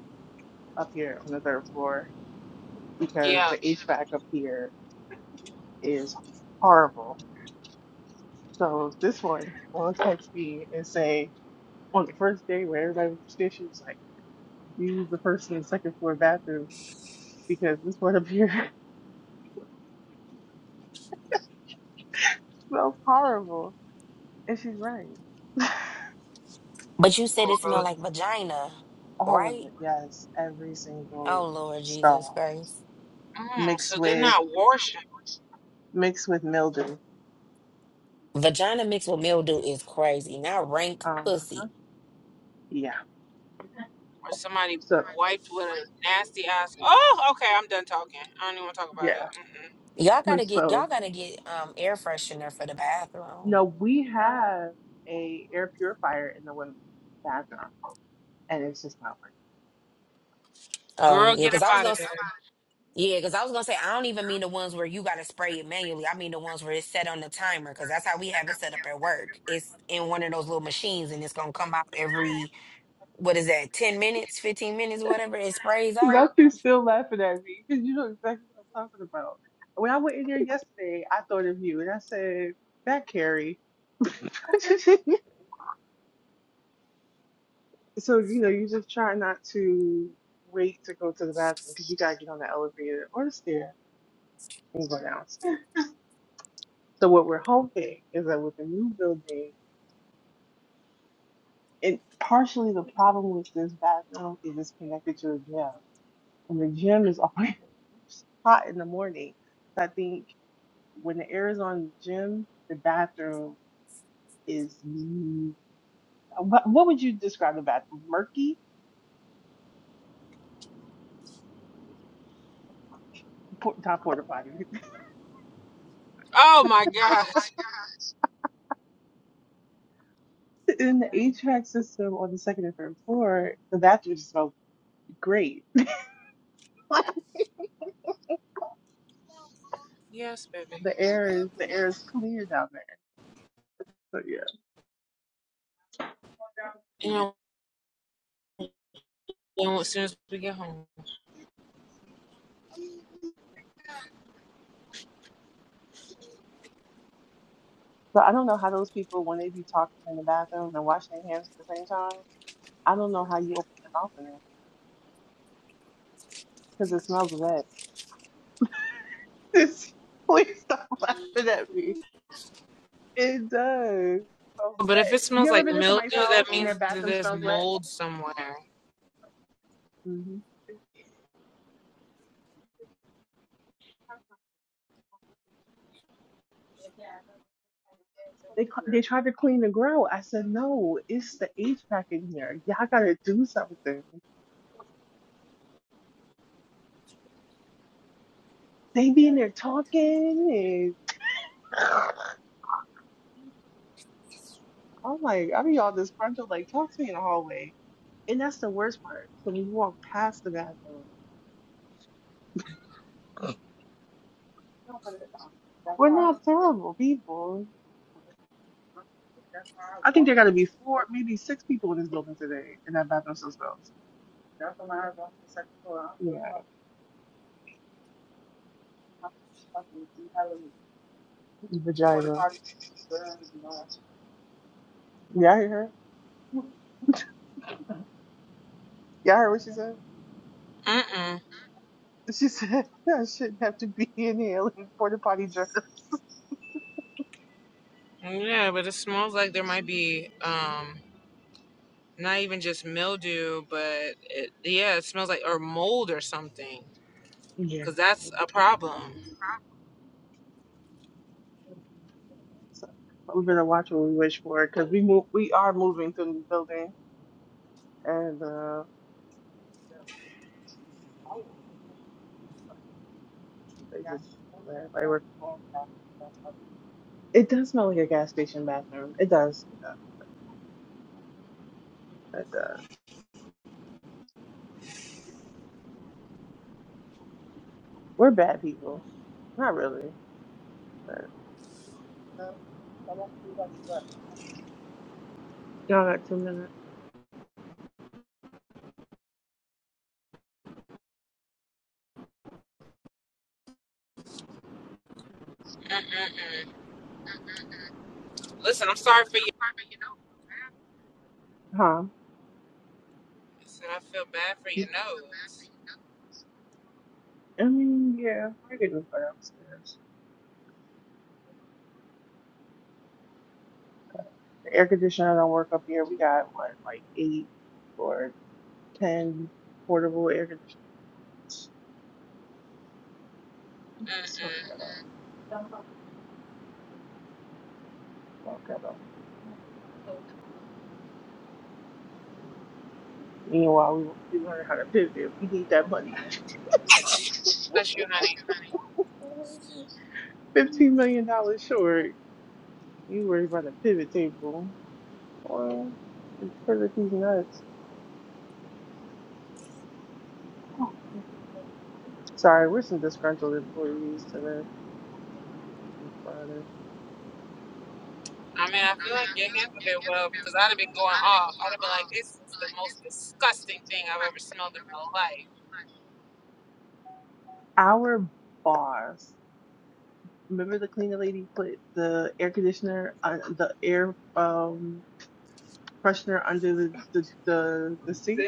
S3: up here on the third floor because
S1: Yeah.
S3: the HVAC up here is horrible. So this one will text me and say on the first day where everybody was upstairs, she was like, "You use the first and second floor bathroom." because this one up here <laughs> smells horrible. And she's right.
S2: But you said it smelled
S1: Gross.
S2: like vagina,
S3: All of
S2: right?
S3: it, yes. Every single
S2: Oh Lord Jesus
S3: stall
S2: Christ.
S1: Mm,
S3: mixed
S1: so they're
S3: with
S1: not washing.
S3: mixed with mildew.
S2: Vagina mixed with mildew is crazy. Now rank
S3: Uh,
S2: pussy.
S3: yeah.
S1: Or somebody
S3: So
S1: wiped with a nasty ass. Oh, okay. I'm done talking. I don't even want to talk about
S3: yeah. <laughs>
S1: it. Mm-mm.
S2: Y'all gotta get y'all
S3: So
S2: gotta get um air freshener for the bathroom.
S3: no, we have a air purifier in the women's bathroom, and it's just not
S2: Um
S1: Girl,
S2: yeah,
S1: get
S2: cause
S1: up
S2: I was
S1: out
S2: gonna
S1: of
S2: s-
S1: there.
S2: yeah, cause I was gonna say I don't even mean the ones where you gotta spray it manually. I mean the ones where it's set on the timer, cause that's how we have it set up at work. It's in one of those little machines and it's gonna come out every what is that, ten minutes, fifteen minutes, whatever, it sprays
S3: working.
S2: out.
S3: Nothing's still laughing at me because you know exactly what I'm talking about. When I went in there yesterday, I thought of you, and I said, "That Carrie." <laughs> So, you know, you just try not to wait to go to the bathroom because you got to get on the elevator or the stair and go downstairs. So, what we're hoping is that with the new building, and partially the problem with this bathroom is it's connected to a gym, and the gym is always <laughs> hot in the morning. So, I think when the air is on the gym, the bathroom is mm, what, what would you describe the bathroom? Murky? Po- Top porta potty
S1: Oh my gosh.
S3: <laughs> in the HVAC system on the second and third floor, the bathrooms smell great. <laughs>
S1: Yes, baby.
S3: the air is the air is clear down there. So yeah.
S1: You know, well, as soon as we get home.
S3: So I don't know how those people when they be talking in the bathroom and washing their hands at the same time. I don't know how you open your mouth in there because it smells wet. <laughs> It's, please stop <laughs> laughing at me. It does. It smells
S1: But if it
S3: wet. You
S1: smells
S3: ever
S1: like
S3: been to somebody's
S1: mildew, that
S3: house and their
S1: means that
S3: bathroom
S1: there's
S3: smells wet?
S1: mold somewhere.
S3: hmm They cl- they tried to clean the grill. I said no, it's the HVAC in here. Y'all gotta do something. They be in there talking <laughs> I'm like, I be all disgruntled. Like, talk to me in the hallway. And that's the worst part. So when you walk past the bathroom, we're not terrible people. I think there got to be four, maybe six people in this building today in that bathroom themselves. Yeah, vagina. Yeah, I heard. Yeah, I heard what she said.
S1: Mm-mm.
S3: She said <laughs> I shouldn't have to be in here like porta potty jerks.
S1: Yeah, but it smells like there might be um not even just mildew, but it, yeah, it smells like or mold or something.
S3: Yeah.
S1: Cause that's a problem.
S3: So we're gonna watch what we wish for because we move, we are moving to a new building and uh, they just let everybody work from home. It does smell like a gas station bathroom. It does. It does. It does. We're bad people. Not really, but y'all got two minutes,
S1: Mm-mm-mm. Listen, I'm sorry for you.
S3: huh?
S1: I said, I feel bad for your
S3: You-
S1: nose.
S3: I mean, yeah, we're getting go downstairs. The air conditioner don't work up here. We got what, like eight or ten portable air conditioners.
S1: Mm-mm.
S3: Okay, though. Meanwhile, we, we learn how to pivot. We need that money.
S1: Bless you, honey.
S3: Fifteen million dollars short. You worry about the pivot table. Or pivot these nuts. Sorry, we're some disgruntled employees today on Friday.
S1: I mean, I feel like you handled it well because I'd have been going off. I'd have been like, this is the most disgusting thing I've ever smelled in my life.
S3: Our boss, remember the cleaner lady put the air conditioner, uh, the air um freshener under the the the, the sink.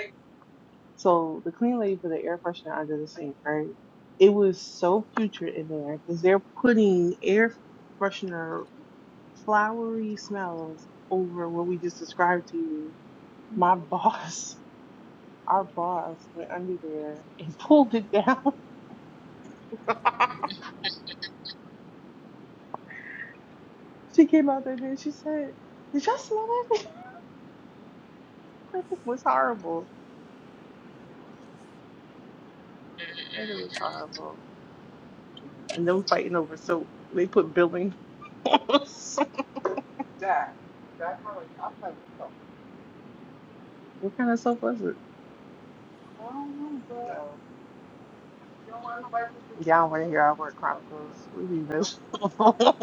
S3: So the clean lady put the air freshener under the sink, right? It was so putrid in there because they're putting air freshener flowery smells over what we just described to you. My boss, <laughs> our boss, went under there and pulled it down. <laughs> she came out there and she said, "Did y'all smell that?" <laughs> that thing was horrible. That thing was horrible. And them fighting over soap. They put building. <laughs> soap. what kind of soap was it? Y'all want to hear our work chronicles? We be this. <laughs>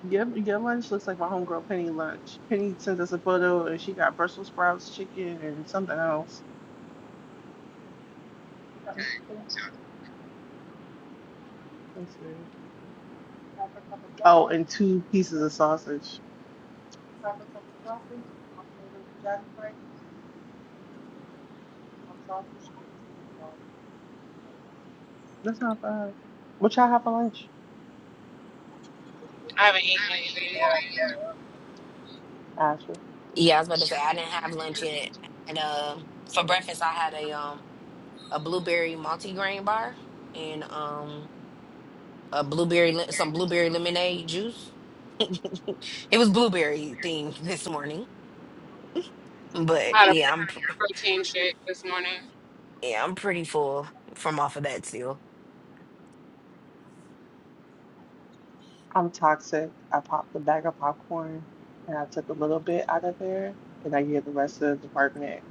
S3: Your, your lunch looks like my homegirl Penny lunch. Penny sent us a photo and she got Brussels sprouts, chicken, and something else. Let's see. Oh, and two pieces of sausage. That's not bad. What y'all have for lunch,
S1: I haven't eaten anything yet.
S3: Ashley?
S2: Yeah, I was about to say I didn't have lunch yet. And um for breakfast I had a um a blueberry multigrain bar and um a blueberry le- some blueberry lemonade juice. <laughs> It was blueberry themed <laughs> this morning, but
S1: I had a
S2: yeah, I'm pr-
S1: protein shake this morning.
S2: yeah, I'm pretty full from off of that still.
S3: I'm toxic. I popped a bag of popcorn and I took a little bit out of there and I gave the rest to the department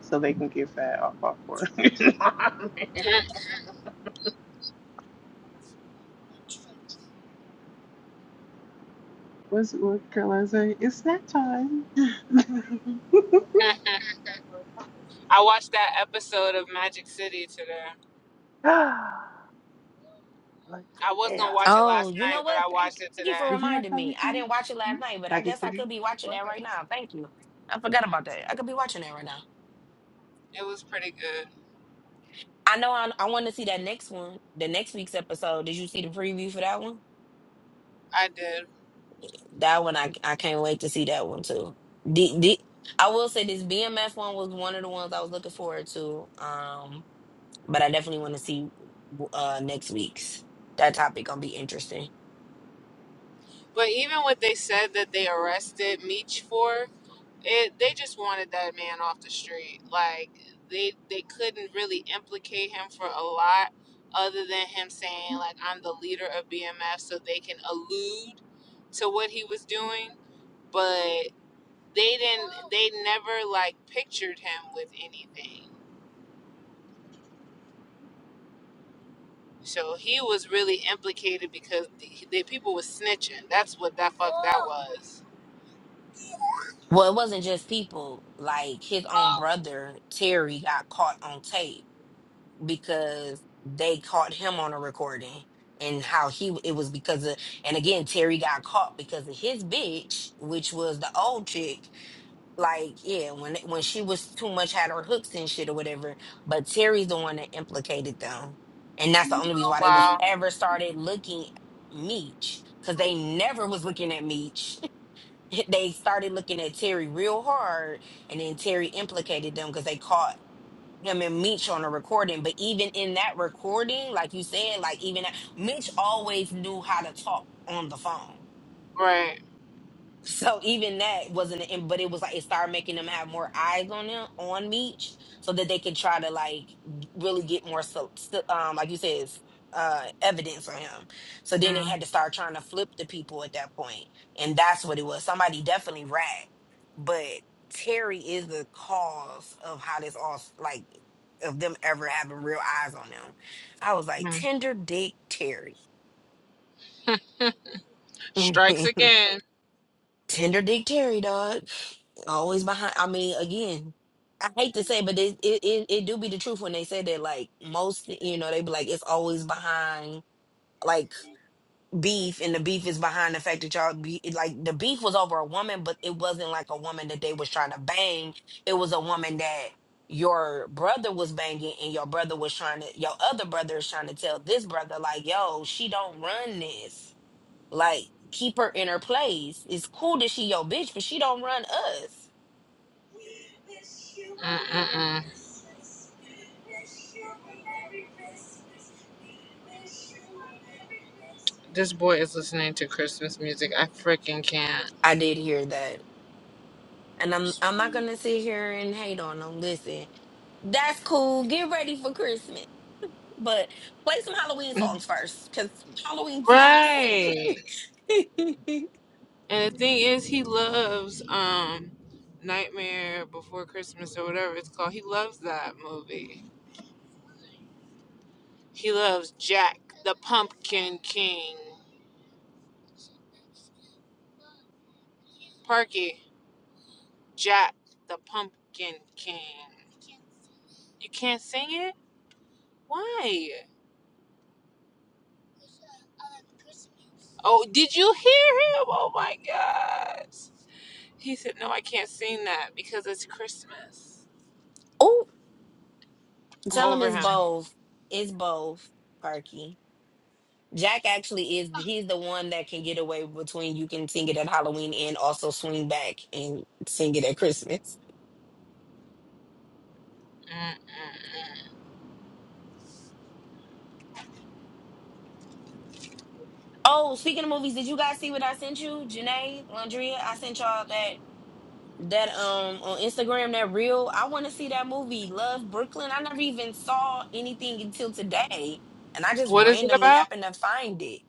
S3: so they can get fat off popcorn. <laughs>
S1: <laughs>
S3: What's what Caroline say? It's snack time. <laughs>
S1: I watched that episode of Magic City today.
S3: Let's
S1: I was going to watch it
S2: Oh,
S1: last
S2: you know
S1: night, but
S2: what?
S1: I watched
S2: Thank,
S1: it
S2: thank you for
S1: today.
S3: Did you have
S2: reminding me.
S3: something for
S2: I
S3: me?
S2: didn't watch it last night, but I
S3: Something
S2: guess
S3: for
S2: I
S3: me?
S2: could be watching that right now. Thank you. I forgot
S1: Mm,
S2: about that. I could be watching that right now.
S1: It was pretty good.
S2: I know I, I want to see that next one, the next week's episode. Did you see the preview for that one?
S1: I did.
S2: That one, I, I can't wait to see that one too. The, the, I will say this BMF one was one of the ones I was looking forward to. Um, but I definitely want to see uh next week's. That topic gonna be interesting.
S1: But even what they said that they arrested Meech for, it they just wanted that man off the street like they they couldn't really implicate him for a lot other than him saying like i'm the leader of bmf so they can allude to what he was doing but they didn't they never like pictured him with anything so he was really implicated because the, the people was snitching that's what that was
S2: Well, it wasn't just people. Like his own brother, Terry, got caught on tape because they caught him on a recording and how he it was because of and again Terry got caught because of his bitch, which was the old chick. Like, yeah, when when she was too much had her hooks and shit or whatever. But Terry's the one that implicated them. And that's the only reason why they was ever started looking at Meech. Cause they never was looking at Meech they started looking at Terry real hard, and then Terry implicated them because they caught him and Meech on a recording. But even in that recording, like you said, like even that, Meech always knew how to talk on the phone.
S1: right
S2: So even that wasn't, and but it was like it started making them have more eyes on them on Meech, so that they could try to like really get more, so, so- um, like you said, uh, evidence on him. So then they had to start trying to flip the people at that point, and that's what it was. Somebody definitely rat, but Terry is the cause of how this all s- like of them ever having real eyes on them. I was like,
S1: Mhm.
S2: tender dick Terry, <laughs>
S1: Strikes again.
S2: tender dick Terry, dog. Always behind. I mean, again, I hate to say, but it it it, it do be the truth when they say that. Like most, you know, they be like, it's always behind like beef, and the beef is behind the fact that y'all be like the beef was over a woman, but it wasn't like a woman that they was trying to bang. It was a woman that your brother was banging and your brother was trying to your other brother is trying to tell this brother like yo she don't run this like keep her in her place it's cool that she your bitch but she don't run us
S1: This boy is listening to Christmas music. I freaking can't.
S2: I did hear that. And I'm I'm not gonna sit here and hate on them. Listen, that's cool. Get ready for Christmas. But play some Halloween songs first, because Halloween's next.
S1: Right.
S2: <laughs>
S1: And the thing is, he loves um Nightmare Before Christmas or whatever it's called. He loves that movie. He loves Jack the Pumpkin King. Parky, Jack the Pumpkin King. You can't sing it? Why? Oh, did you hear him? Oh my gosh. He said, No, I can't sing that because it's Christmas.
S2: oh,
S1: I'm
S2: tell them
S1: over
S2: it's
S1: him.
S2: both. It's both, Perky. Jack actually is he's the one that can get away between you can sing it at Halloween and also swing back and sing it at Christmas.
S1: Mm-mm.
S2: Oh, speaking of movies, did you guys see what I sent you? Janae, Landria, I sent y'all that that um on Instagram that reel. I want to see that movie Love Brooklyn. I never even saw anything until today, and I just
S1: What is it
S2: randomly
S1: about?
S2: happened to find it.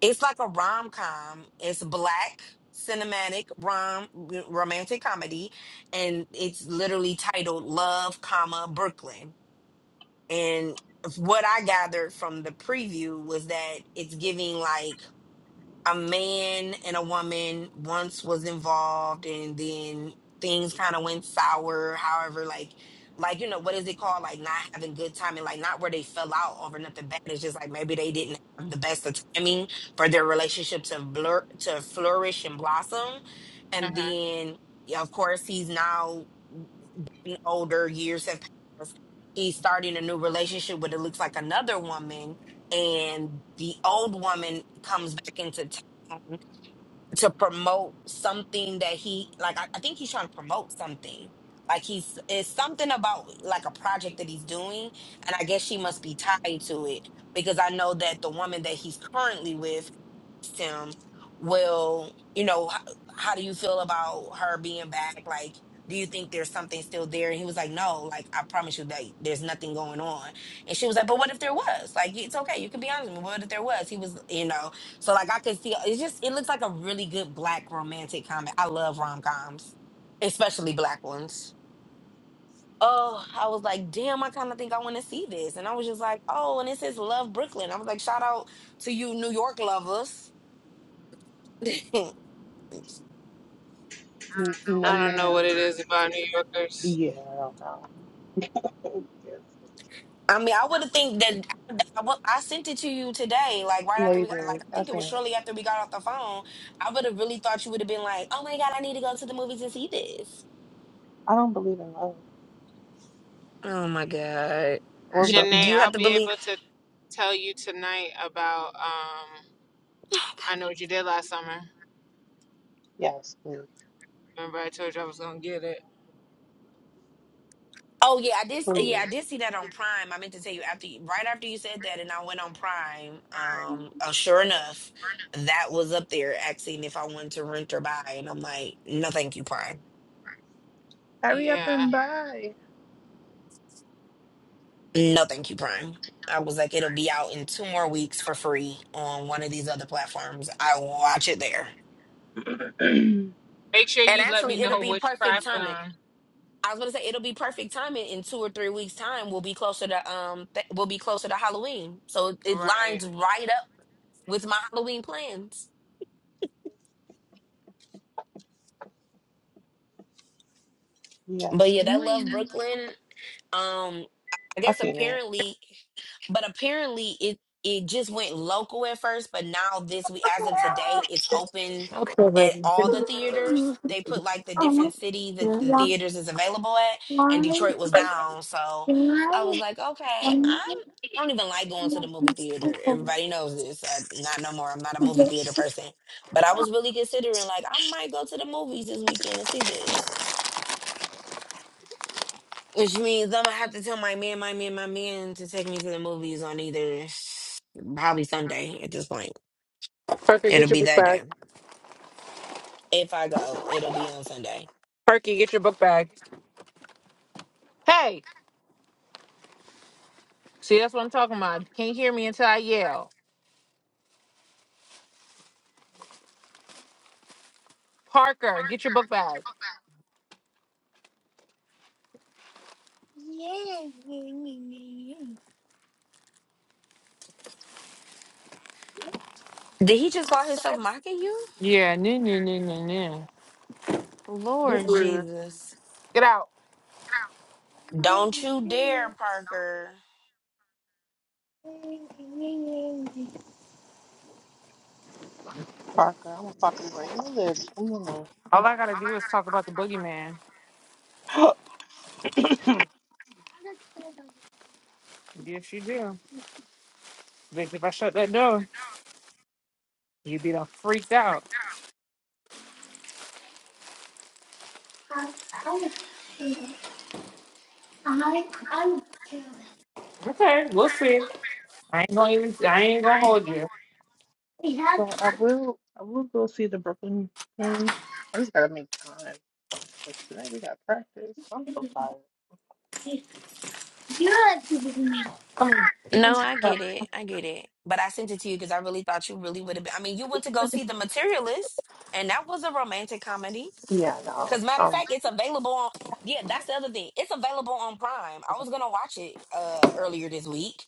S2: It's like a rom com. It's black cinematic rom romantic comedy, and it's literally titled Love, comma Brooklyn. And what I gathered from the preview was that it's giving like a man and a woman once was involved and then things kind of went sour however like like you know what is it called like not having good timing like not where they fell out over nothing bad it's just like maybe they didn't have the best of timing for their relationship to blur to flourish and blossom and
S1: hmm
S2: then yeah, of course he's now n- older years have passed he's starting a new relationship with it looks like another woman and the old woman comes back into town to promote something that he like I, I think he's trying to promote something like he's it's something about like a project that he's doing and i guess she must be tied to it because i know that the woman that he's currently with asked him, well, you know, how, how do you feel about her being back? Like, do you think there's something still there? And he was like, no, like, I promise you that there's nothing going on. And she was like, but what if there was? Like, it's okay. You can be honest with me. What if there was? He was, you know, so like I could see, it's just, it looks like a really good black romantic comedy. I love rom-coms, especially black ones. Oh, I was like, damn, I kind of think I want to see this. And I was just like, oh, and it says Love Brooklyn. I was like, shout out to you New York lovers. <laughs>
S3: N- No,
S1: I don't know what
S3: ma'am.
S1: it is about New Yorkers.
S3: Yeah, I don't know. <laughs>
S2: I mean, I would have think that I, wa- I sent it to you today, like right
S3: Yes. No,
S2: after
S3: you
S2: we got, like
S3: didn't.
S2: I
S3: I
S2: think it was
S3: can't.
S2: shortly after we got off the phone. I would have really thought you would have been like, "Oh my god, I need to go to the movies and see this."
S3: I don't believe in love
S2: Oh my god,
S3: or
S2: you don't- do
S1: Janae,
S3: Brooklyn.
S2: you
S1: I'll
S2: have to
S1: be
S2: believe?
S1: able to tell you tonight about. Um, I know what you did last summer.
S3: Yes, please.
S1: Remember, I told you I was gonna get it.
S2: Oh yeah, I did. Yeah, I
S3: Please.
S2: did see that on Prime. I meant to tell you after you, right after you said that, and I went on Prime. Um, oh, sure enough, that was up there asking if I wanted to rent or buy, and I'm like, "No, thank you, Prime."
S3: Hurry up
S1: Yeah.
S3: and buy.
S2: No, thank you, Prime. I was like, it'll be out in two more weeks for free on one of these other platforms. I will watch it there.
S3: <clears throat>
S1: Make sure
S2: And
S1: you let me
S2: actually, it'll
S1: know
S2: be
S1: which
S2: perfect timing.
S1: platform.
S2: I was gonna say it'll be perfect timing in two or three weeks' time. We'll be closer to um, th- we'll be closer to Halloween, so it it
S1: Right.
S2: lines right up with my Halloween plans. But
S3: Yes,
S2: yeah, that love Brooklyn. Um, I
S3: I
S2: guess
S3: seen that.
S2: apparently, but apparently it it just went local at first, but now this week, as of today, it's open at all the theaters. They put like the different city that the theaters is available at, and Detroit was down. So I was like, okay, I'm. I don't even like going to the movie theater. Everybody knows this. I, not no more. I'm not a movie theater person. But I was really considering, like, I might go to the movies this weekend and see this. Which means I'm gonna have to tell my man, my man, my man to take me to the movies on either s- probably Sunday at this point.
S1: Perky,
S2: It'll
S1: get your
S2: be
S1: book
S2: that
S1: bag.
S2: day. If I go, it'll be on Sunday.
S1: Perky, get your book bag. Hey, see, that's what I'm talking about. You Can't hear me until I yell. Parker, get your book bag.
S2: Did he just call himself mocking you?
S1: Yeah, no, no, no, no,
S2: Lord
S1: no.
S2: Jesus.
S1: Get out.
S2: Don't you dare, Parker.
S3: Parker, I'm gonna pop you right in the lips. Come on.
S1: All I gotta do is talk about the boogeyman.
S3: <gasps>
S1: Yes, you do. Bitch, if I shut that door, you'd be done freaked out. Okay, we'll see. I ain't gonna even. I ain't gonna hold you.
S3: So I will I will go see the Brooklyn thing. I just gotta make time. Cause today we got practice. I'm so tired.
S1: Come on, you can.
S2: No, I get it. I get it. But I sent it to you because I really thought you really would have been. I mean, you went to go see The Materialist, and that was a romantic comedy.
S3: Yeah, no.
S2: Because matter of
S3: Um,
S2: fact, it's available on. Yeah, that's the other thing. It's available on Prime. I was gonna watch it uh earlier this week,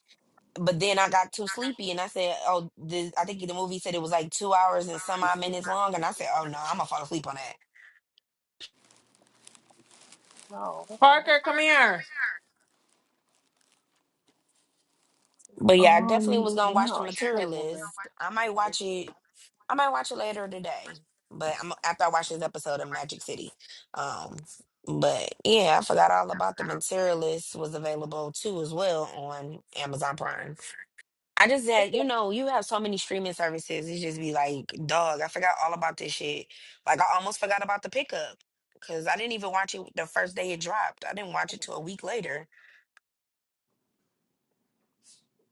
S2: but then I got too sleepy and I said, "Oh, this, I think the movie said it was like two hours and some odd minutes long," and I said, "Oh no, I'm gonna fall asleep on that."
S3: no, what's that?
S1: Parker, come here.
S2: But yeah, I definitely
S3: Um,
S2: was gonna watch The
S3: no, it's a good movie.
S2: Materialist. I might watch it. I might watch it later today, but I'm after I watch this episode of Magic City. Um, but yeah, I forgot all about The Materialist was available too as well on Amazon Prime. I just said, you know, you have so many streaming services. It just be like, dog, I forgot all about this shit. Like, I almost forgot about the pickup because I didn't even watch it the first day it dropped. I didn't watch it till a week later.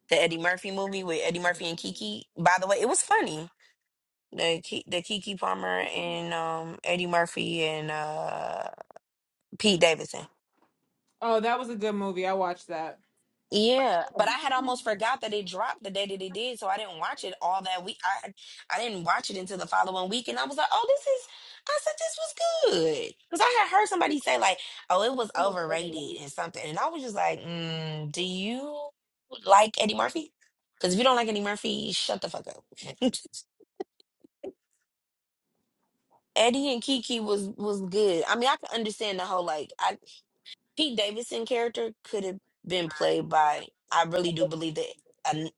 S2: The Eddie Murphy movie with Eddie Murphy and Kiki. By the way, it was funny. The Ki- the Kiki Palmer and um Eddie Murphy and uh Pete Davidson.
S1: Oh, that was a good movie. I watched that.
S2: Yeah, but I had almost forgot that it dropped the day that it did, so I didn't watch it all that week. I I didn't watch it until the following week, and I was like, "Oh, this is." I said this was good because I had heard somebody say like, "Oh, it was overrated" and something, and I was just like, mm, "Do you like Eddie Murphy? Because if you don't like Eddie Murphy, shut the fuck up." <laughs> Eddie and Kiki was was good. I mean, I can understand the whole like. I. Pete Davidson character could have been played by. I really do believe that. an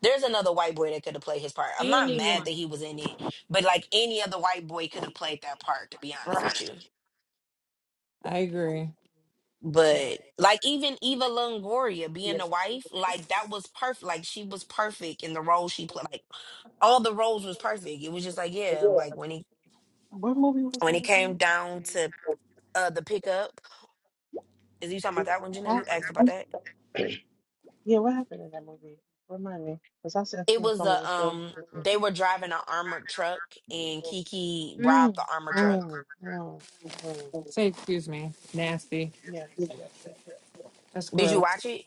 S2: there's another white boy that could have played his part. I'm not mad that
S1: Anyone.
S2: he was in it, but like any other white boy could have played that part. To be honest with
S1: Right.
S2: you,
S1: I agree.
S2: but like even Eva Longoria being the wife, like that was perfect. Like she was perfect in the role she played. Like all the roles was perfect. It was just like yeah, like when he
S3: What movie was
S2: when
S3: that
S2: it came
S3: again?
S2: down to uh the pickup. Is you talking about that one, Janae? You asked about that.
S3: Yeah, what happened in that movie? Remind me, cause I've seen,
S2: It
S3: seen
S2: was
S3: so many
S2: a.
S3: films.
S2: um
S3: before.
S2: they were driving an armored truck and Kiki
S3: Mm,
S2: robbed the armored truck.
S3: mm, mm, mm,
S1: Say excuse me. Nasty. That's
S2: Did you
S1: gross.
S2: watch it?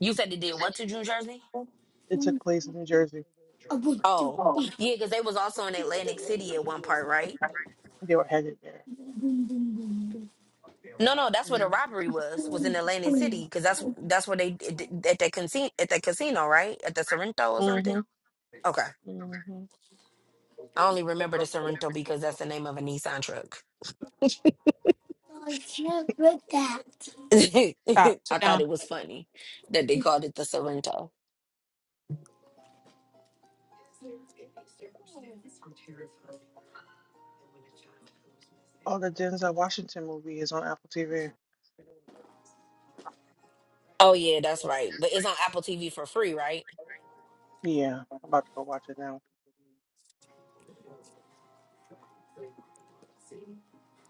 S2: You said they did what to New Jersey? Oh. Yeah, because they was also in Atlantic City at one part, right? No, no, that's where the robbery was, was in Atlantic City, because that's that's where they at that casino at that casino, right? At the Sorrento or something. Okay.
S3: hmm
S2: I only remember the Sorrento because that's the name of a Nissan truck. <laughs>
S1: Stop.
S2: I
S1: Sit
S2: thought
S1: down.
S2: it was funny that they called it the Sorrento.
S3: Oh, the Denzel Washington movie is on Apple TV.
S2: Oh yeah, that's right. But it's on Apple TV for free, right?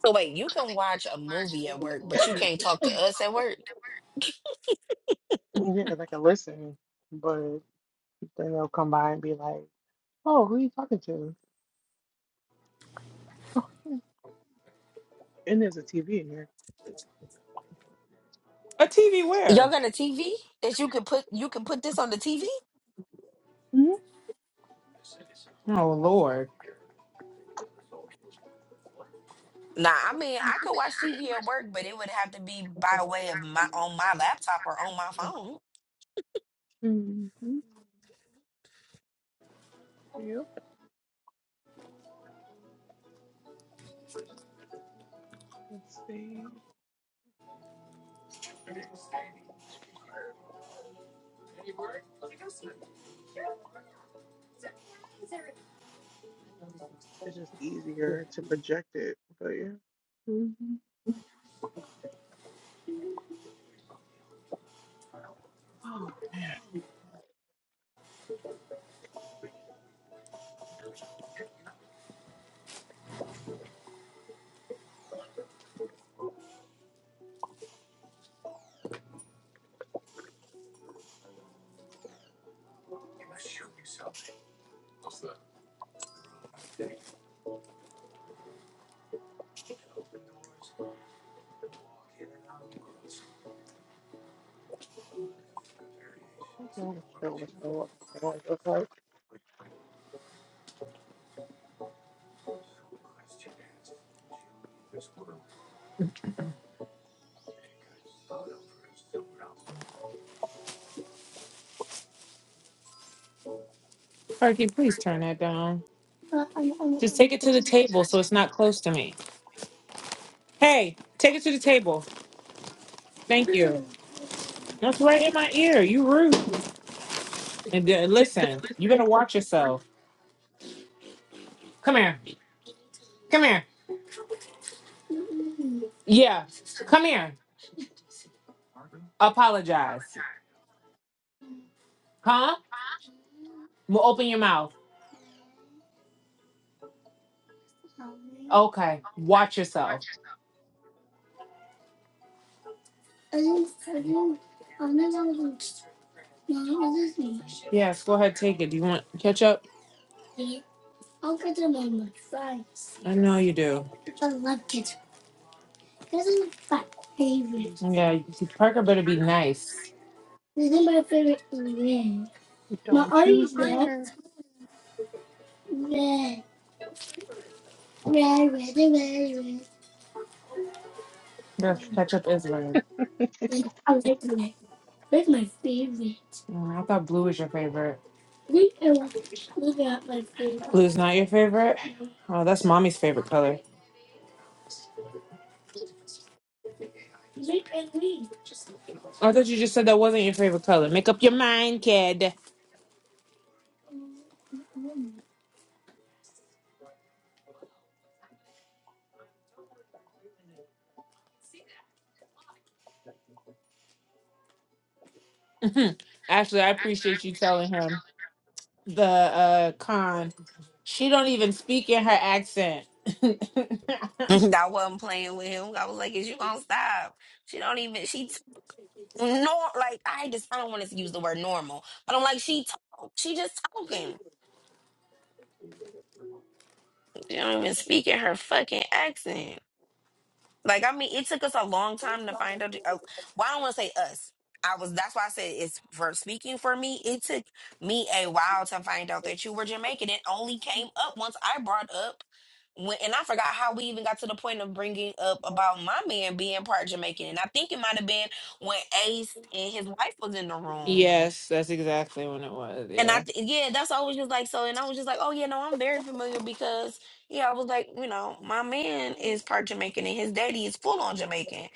S2: So wait, you can watch a movie at work, but you can't talk to us at work.
S1: A TV
S2: Y'all
S1: where?
S2: got a TV that you could put you can put this on the TV?
S1: Oh Lord.
S2: Nah, I mean I could watch TV at work, but it would have to be by way of my on my laptop or on my phone.
S3: It's just easier to project it, but yeah. Mhm. Like,
S1: Parky, please turn that down. Just take it to the table so it's not close to me. Hey, take it to the table. Thank you. That's right in my ear. You rude. And then, listen, you better watch yourself. Come here. Come here. Yeah. Come here. Apologize. Huh? Well, open your mouth. Okay. Watch yourself. Yes, go ahead, take it. Do you want ketchup? I know you do. Yeah, you- Parker better be nice. Yes, ketchup is red. Mm, I thought blue was your favorite. Blue's not your favorite? Oh, that's mommy's favorite color. I thought you just said that wasn't your favorite color. Make up your mind, kid. <laughs> Actually, I appreciate you telling him. the uh con. She don't even speak in her accent.
S2: <laughs>
S1: <laughs>
S2: I wasn't playing with him. I was like, "Is you gonna stop?" She don't even she t- nor like I just I don't want to use the word normal, but I'm like she talk she just talking. She don't even speak in her fucking accent. Like I mean, it took us a long time to find out. Uh, why I don't want to say us. I was. That's why I said it's for speaking for me. It took me a while to find out that you were Jamaican. It only came up once I brought up when, and I forgot how we even got to the point of bringing up about my man being part Jamaican. And I think it might have been when Ace and his wife was in the room
S1: yes, that's exactly when it was.
S2: and I,
S1: Yeah.
S2: th- yeah, that's always just like so, and I was just like, oh yeah, no, I'm very familiar because yeah, I was like, you know, my man is part Jamaican and his daddy is full on Jamaican,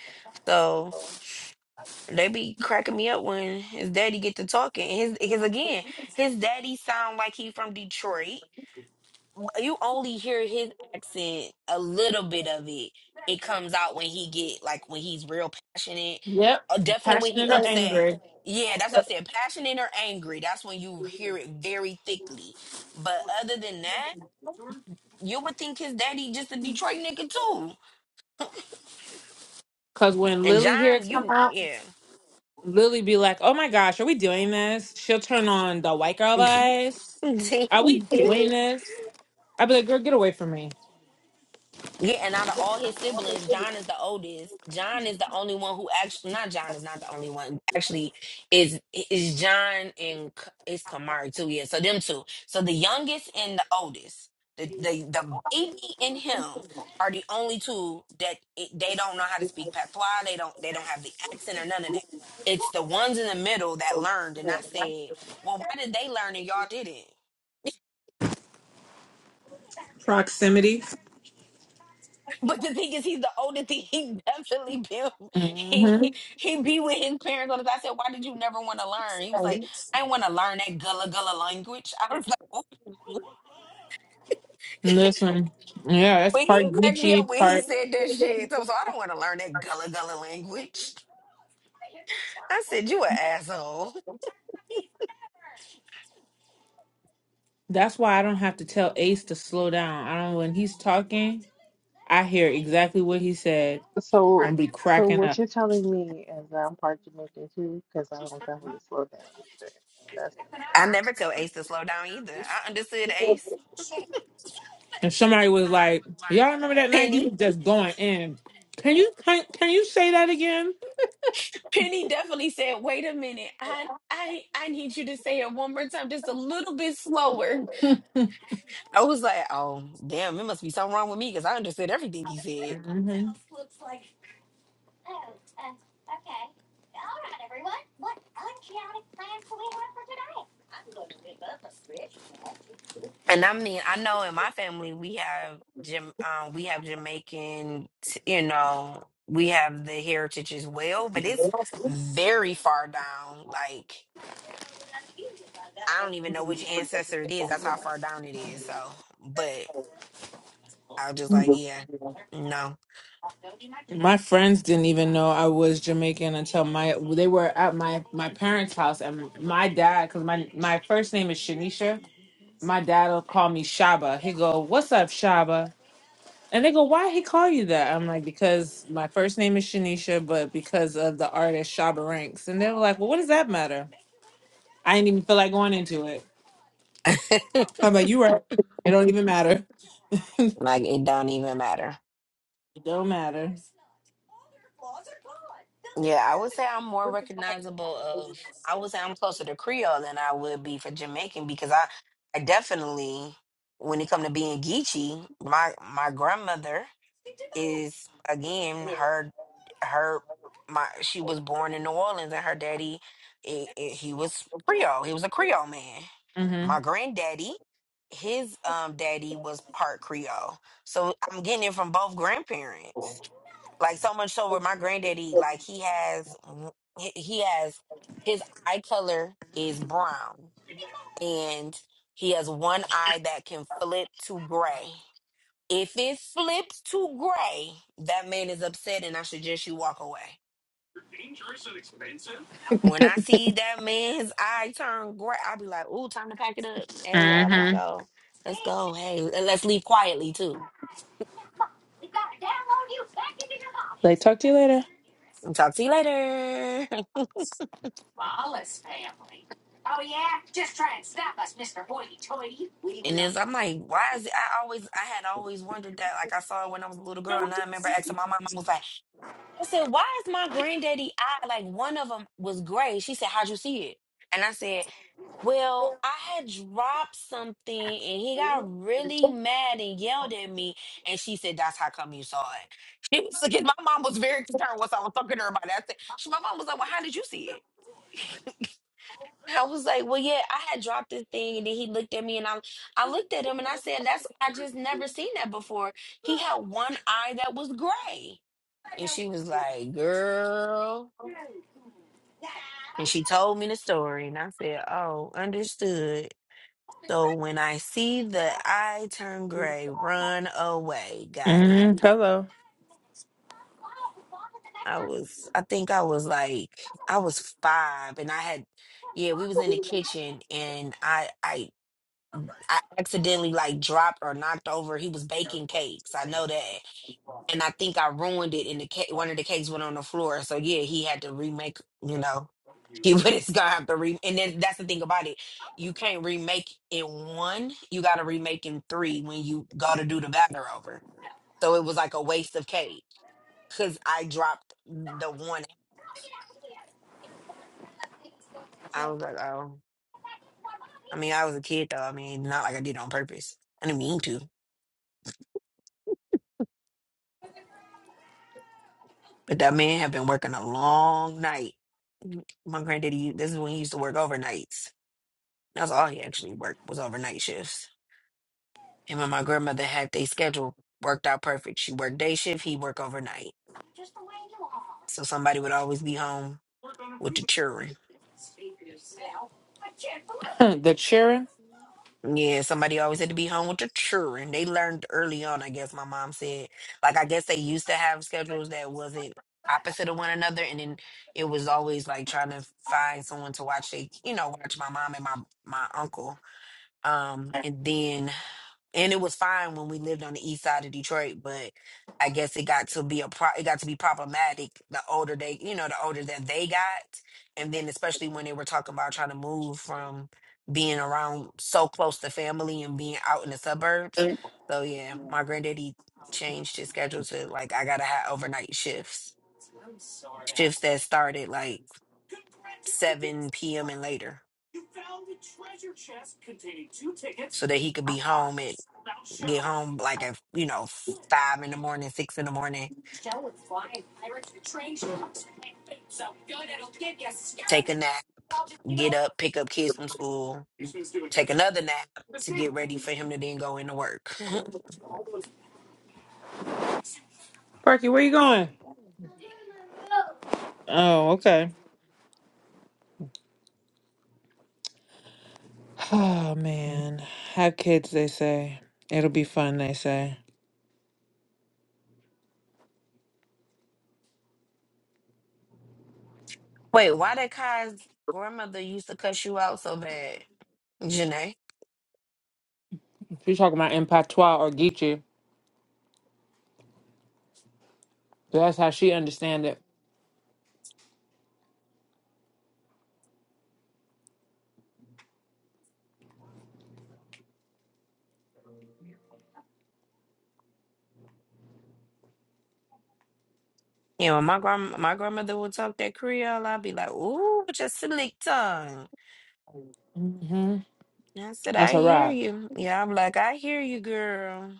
S2: so they be cracking me up when his daddy get to talking. And His because again, his daddy sound like he from Detroit you only hear his accent a little bit of it. It comes out when he get like when he's real passionate,
S1: Yep.
S2: or definitely when he
S1: Passionate or
S2: upset.
S1: angry.
S2: Yeah, that's what I said. Passionate or angry, that's when you hear it very thickly. But other than that, you would think his daddy just a Detroit nigga too.
S1: Cause when
S2: And
S1: Lily here
S2: John,
S1: come
S2: you
S1: out,
S2: yeah.
S1: <laughs> Lily be like, "Oh my gosh, are we doing this?" She'll turn on the white girl vibes. Are we doing this? I'd be like, "Girl, get away
S2: <laughs>
S1: from me."
S2: Yeah, and out of all his siblings, John is the oldest. John is the only one who actually not John is not the only one. Actually, is is John and K- it's Kamari too. Yeah, so them two. So the youngest and the oldest, the the, the baby and him are the only two that it, they don't know how to speak patois. They don't they don't have the accent or none of that. It's the ones in the middle that learned, and I said, well, why did they learn and y'all didn't?
S1: Proximity.
S2: But the thing is, he's the oldest. He, he <laughs> definitely been he
S1: hmm
S2: he be with his parents all the time. I said, "Why did you never want to learn?" He was like, "I want to learn that gullah gullah language." I was like, "Ooh."
S1: Listen, yeah,
S2: <laughs>
S1: that's
S2: "When he
S1: part
S2: cracked me
S1: Geechee,
S2: up when he
S1: part.
S2: said that shit," So I was like, "I don't want to learn that gullah gullah language." I said, "You an asshole."
S1: That's why I don't have to tell Ace to slow down. I don't when he's talking. I hear exactly what he said.
S3: so,
S1: I'm be
S3: So
S1: cracking
S3: what
S1: up.
S3: you're telling me is that I'm part Jamaican too, because I don't definitely slow down either. That's
S2: I never tell Ace to slow down either. I understood Ace
S1: And somebody was like, "Y'all remember that night
S2: Penny.
S1: he was just going in? Can you can, can you say that again?"
S2: Penny definitely said, "Wait a minute, I I I need you to say it one more time, just a little bit slower." I was like, "Oh, damn, it must be something wrong with me because I understood everything he said."
S1: Mhm.
S2: And I mean, I know in my family we have Jam, um, we have Jamaican, t- you know, we have the heritage as well, but it's very far down. Like I don't even know which ancestor it is. That's how far down it is. So, but I was just like, yeah, no.
S1: My
S2: <laughs>
S1: friends didn't even know I was Jamaican until my they were at my my parents' house and my dad because my my first name is Shanisha. My dad will call me Shaba. He go, "What's up, Shaba?" And they go, "Why he call you that?" I'm like, "Because my first name is Shanisha, but because of the artist Shaba Ranks." And they were like, "Well, what does that matter?" I didn't even feel like going into it. How about you? Right? It don't even matter. <laughs>
S2: like it don't even matter.
S1: It don't matter.
S2: Yeah, I would say I'm more recognizable of I would say I'm closer to Creole than I would be for Jamaican because I I definitely when it come to being Geechee, my my grandmother is again her her my she was born in New Orleans and her daddy i i he was Creole. He was a Creole man. My
S1: Mhm.
S2: granddaddy, his um daddy was part Creole. So I'm getting it from both grandparents. Like so much so where my granddaddy like he has he he has his eye color is brown and he has one eye that can flip to gray if it flips to gray, that man is upset and I suggest you walk away. When I see that man's eye turn gray, I'll be like, ooh, time to pack it up. Hey, y'all, let's
S1: Mhm.
S2: go. Let's go. Hey, and let's leave quietly too.
S1: Like, talk to you later.
S2: talk to you later. <laughs> and it's, I'm like, why is it? I always, I had always wondered that. Like, I saw it when I was a little girl and I remember asking my mom, I was like, I said, why is my granddaddy eye, like one of them was gray? She said, how'd you see it? And I said, Well, I had dropped something and he got really mad and yelled at me. And she said, That's how come you saw it. <laughs> She was looking, my mom was very concerned once I was talking to her about that. I said, she, my mom was like, Well, how did you see it? <laughs> I was like, Well, yeah, I had dropped this thing. And then he looked at me and I, I looked at him and I said, That's, I just never seen that before. He had one eye that was gray. And she was like, Girl. And she told me the story. And I said, Oh, understood. So when I see the eye turn gray, run away. Got it.
S1: Mhm. Hello.
S2: I was, I think I was like, I was five, and I had, yeah, we was in the kitchen, and I, I, I accidentally like dropped or knocked over. He was baking cakes. I know that, and I think I ruined it in the cake. One of the cakes went on the floor, so yeah, he had to remake. You know, he <laughs> but it's gonna have to re. And then that's the thing about it, you can't remake in one. You got to remake in three when you go to do the batter over. So it was like a waste of cake because I dropped the one. I was like, oh, I mean, I was a kid though. I mean, not like I did it on purpose. I didn't mean to, but that man had been working a long night. My granddaddy, this is when he used to work overnights. That's all he actually worked was overnight shifts Him and my grandmother had their schedule worked out perfect. She worked day shift, he worked overnight. So somebody would always be home with the children.
S1: <laughs> the cheering.
S2: Yeah, somebody always had to be home with the children. They learned early on, I guess my mom said. Like I guess they used to have schedules that wasn't opposite of one another and then it was always like trying to find someone to watch they you know, watch my mom and my my uncle. Um and then and it was fine when we lived on the east side of Detroit, but I guess it got to be a pro- it got to be problematic the older they, you know, the older that they got, and then especially when they were talking about trying to move from being around so close to family and being out in the suburbs. So yeah, my granddaddy changed his schedule to like I gotta have overnight shifts, shifts that started like seven p.m. and later, so that he could be home at get home like at you know five in the morning, six in the morning take a nap, get up, pick up kids from school, take another nap to get ready for him to then go into work.
S1: Parky, where you going? Oh, okay. Oh man, have kids. They say it'll be fun. They say.
S2: <laughs> Wait, why did Kai's grandmother used to cuss you out so bad, Janae?
S1: She's talking about in patois or Geechee. That's how she understand it.
S2: Yeah, when my grand my grandmother would talk that Creole, I'd be like, "Ooh, with your slick tongue."
S1: hmm
S2: And I said,
S1: That's
S2: "I
S1: a
S2: hear
S1: wrap.
S2: you." Yeah, I'm like, "I hear you, girl."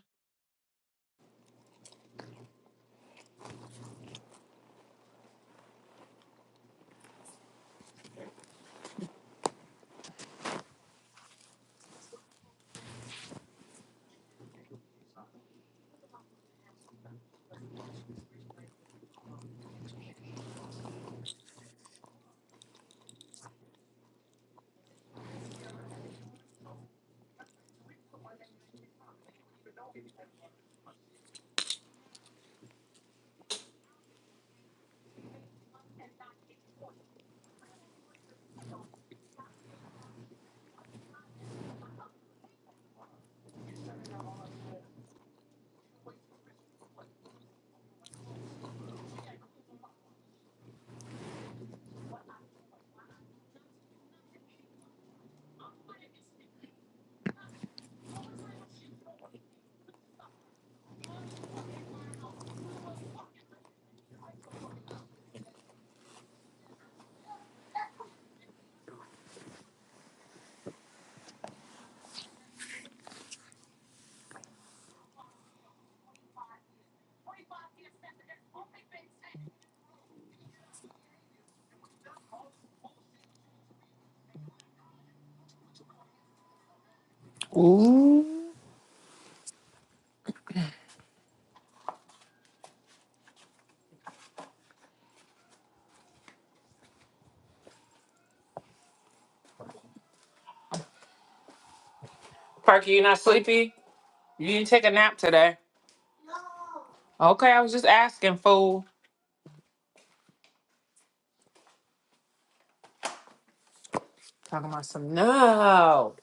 S1: Ooh. Parky, you not sleepy? You didn't take a nap today. Okay, I was just asking, fool. Talking about some no.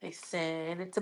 S1: They said it's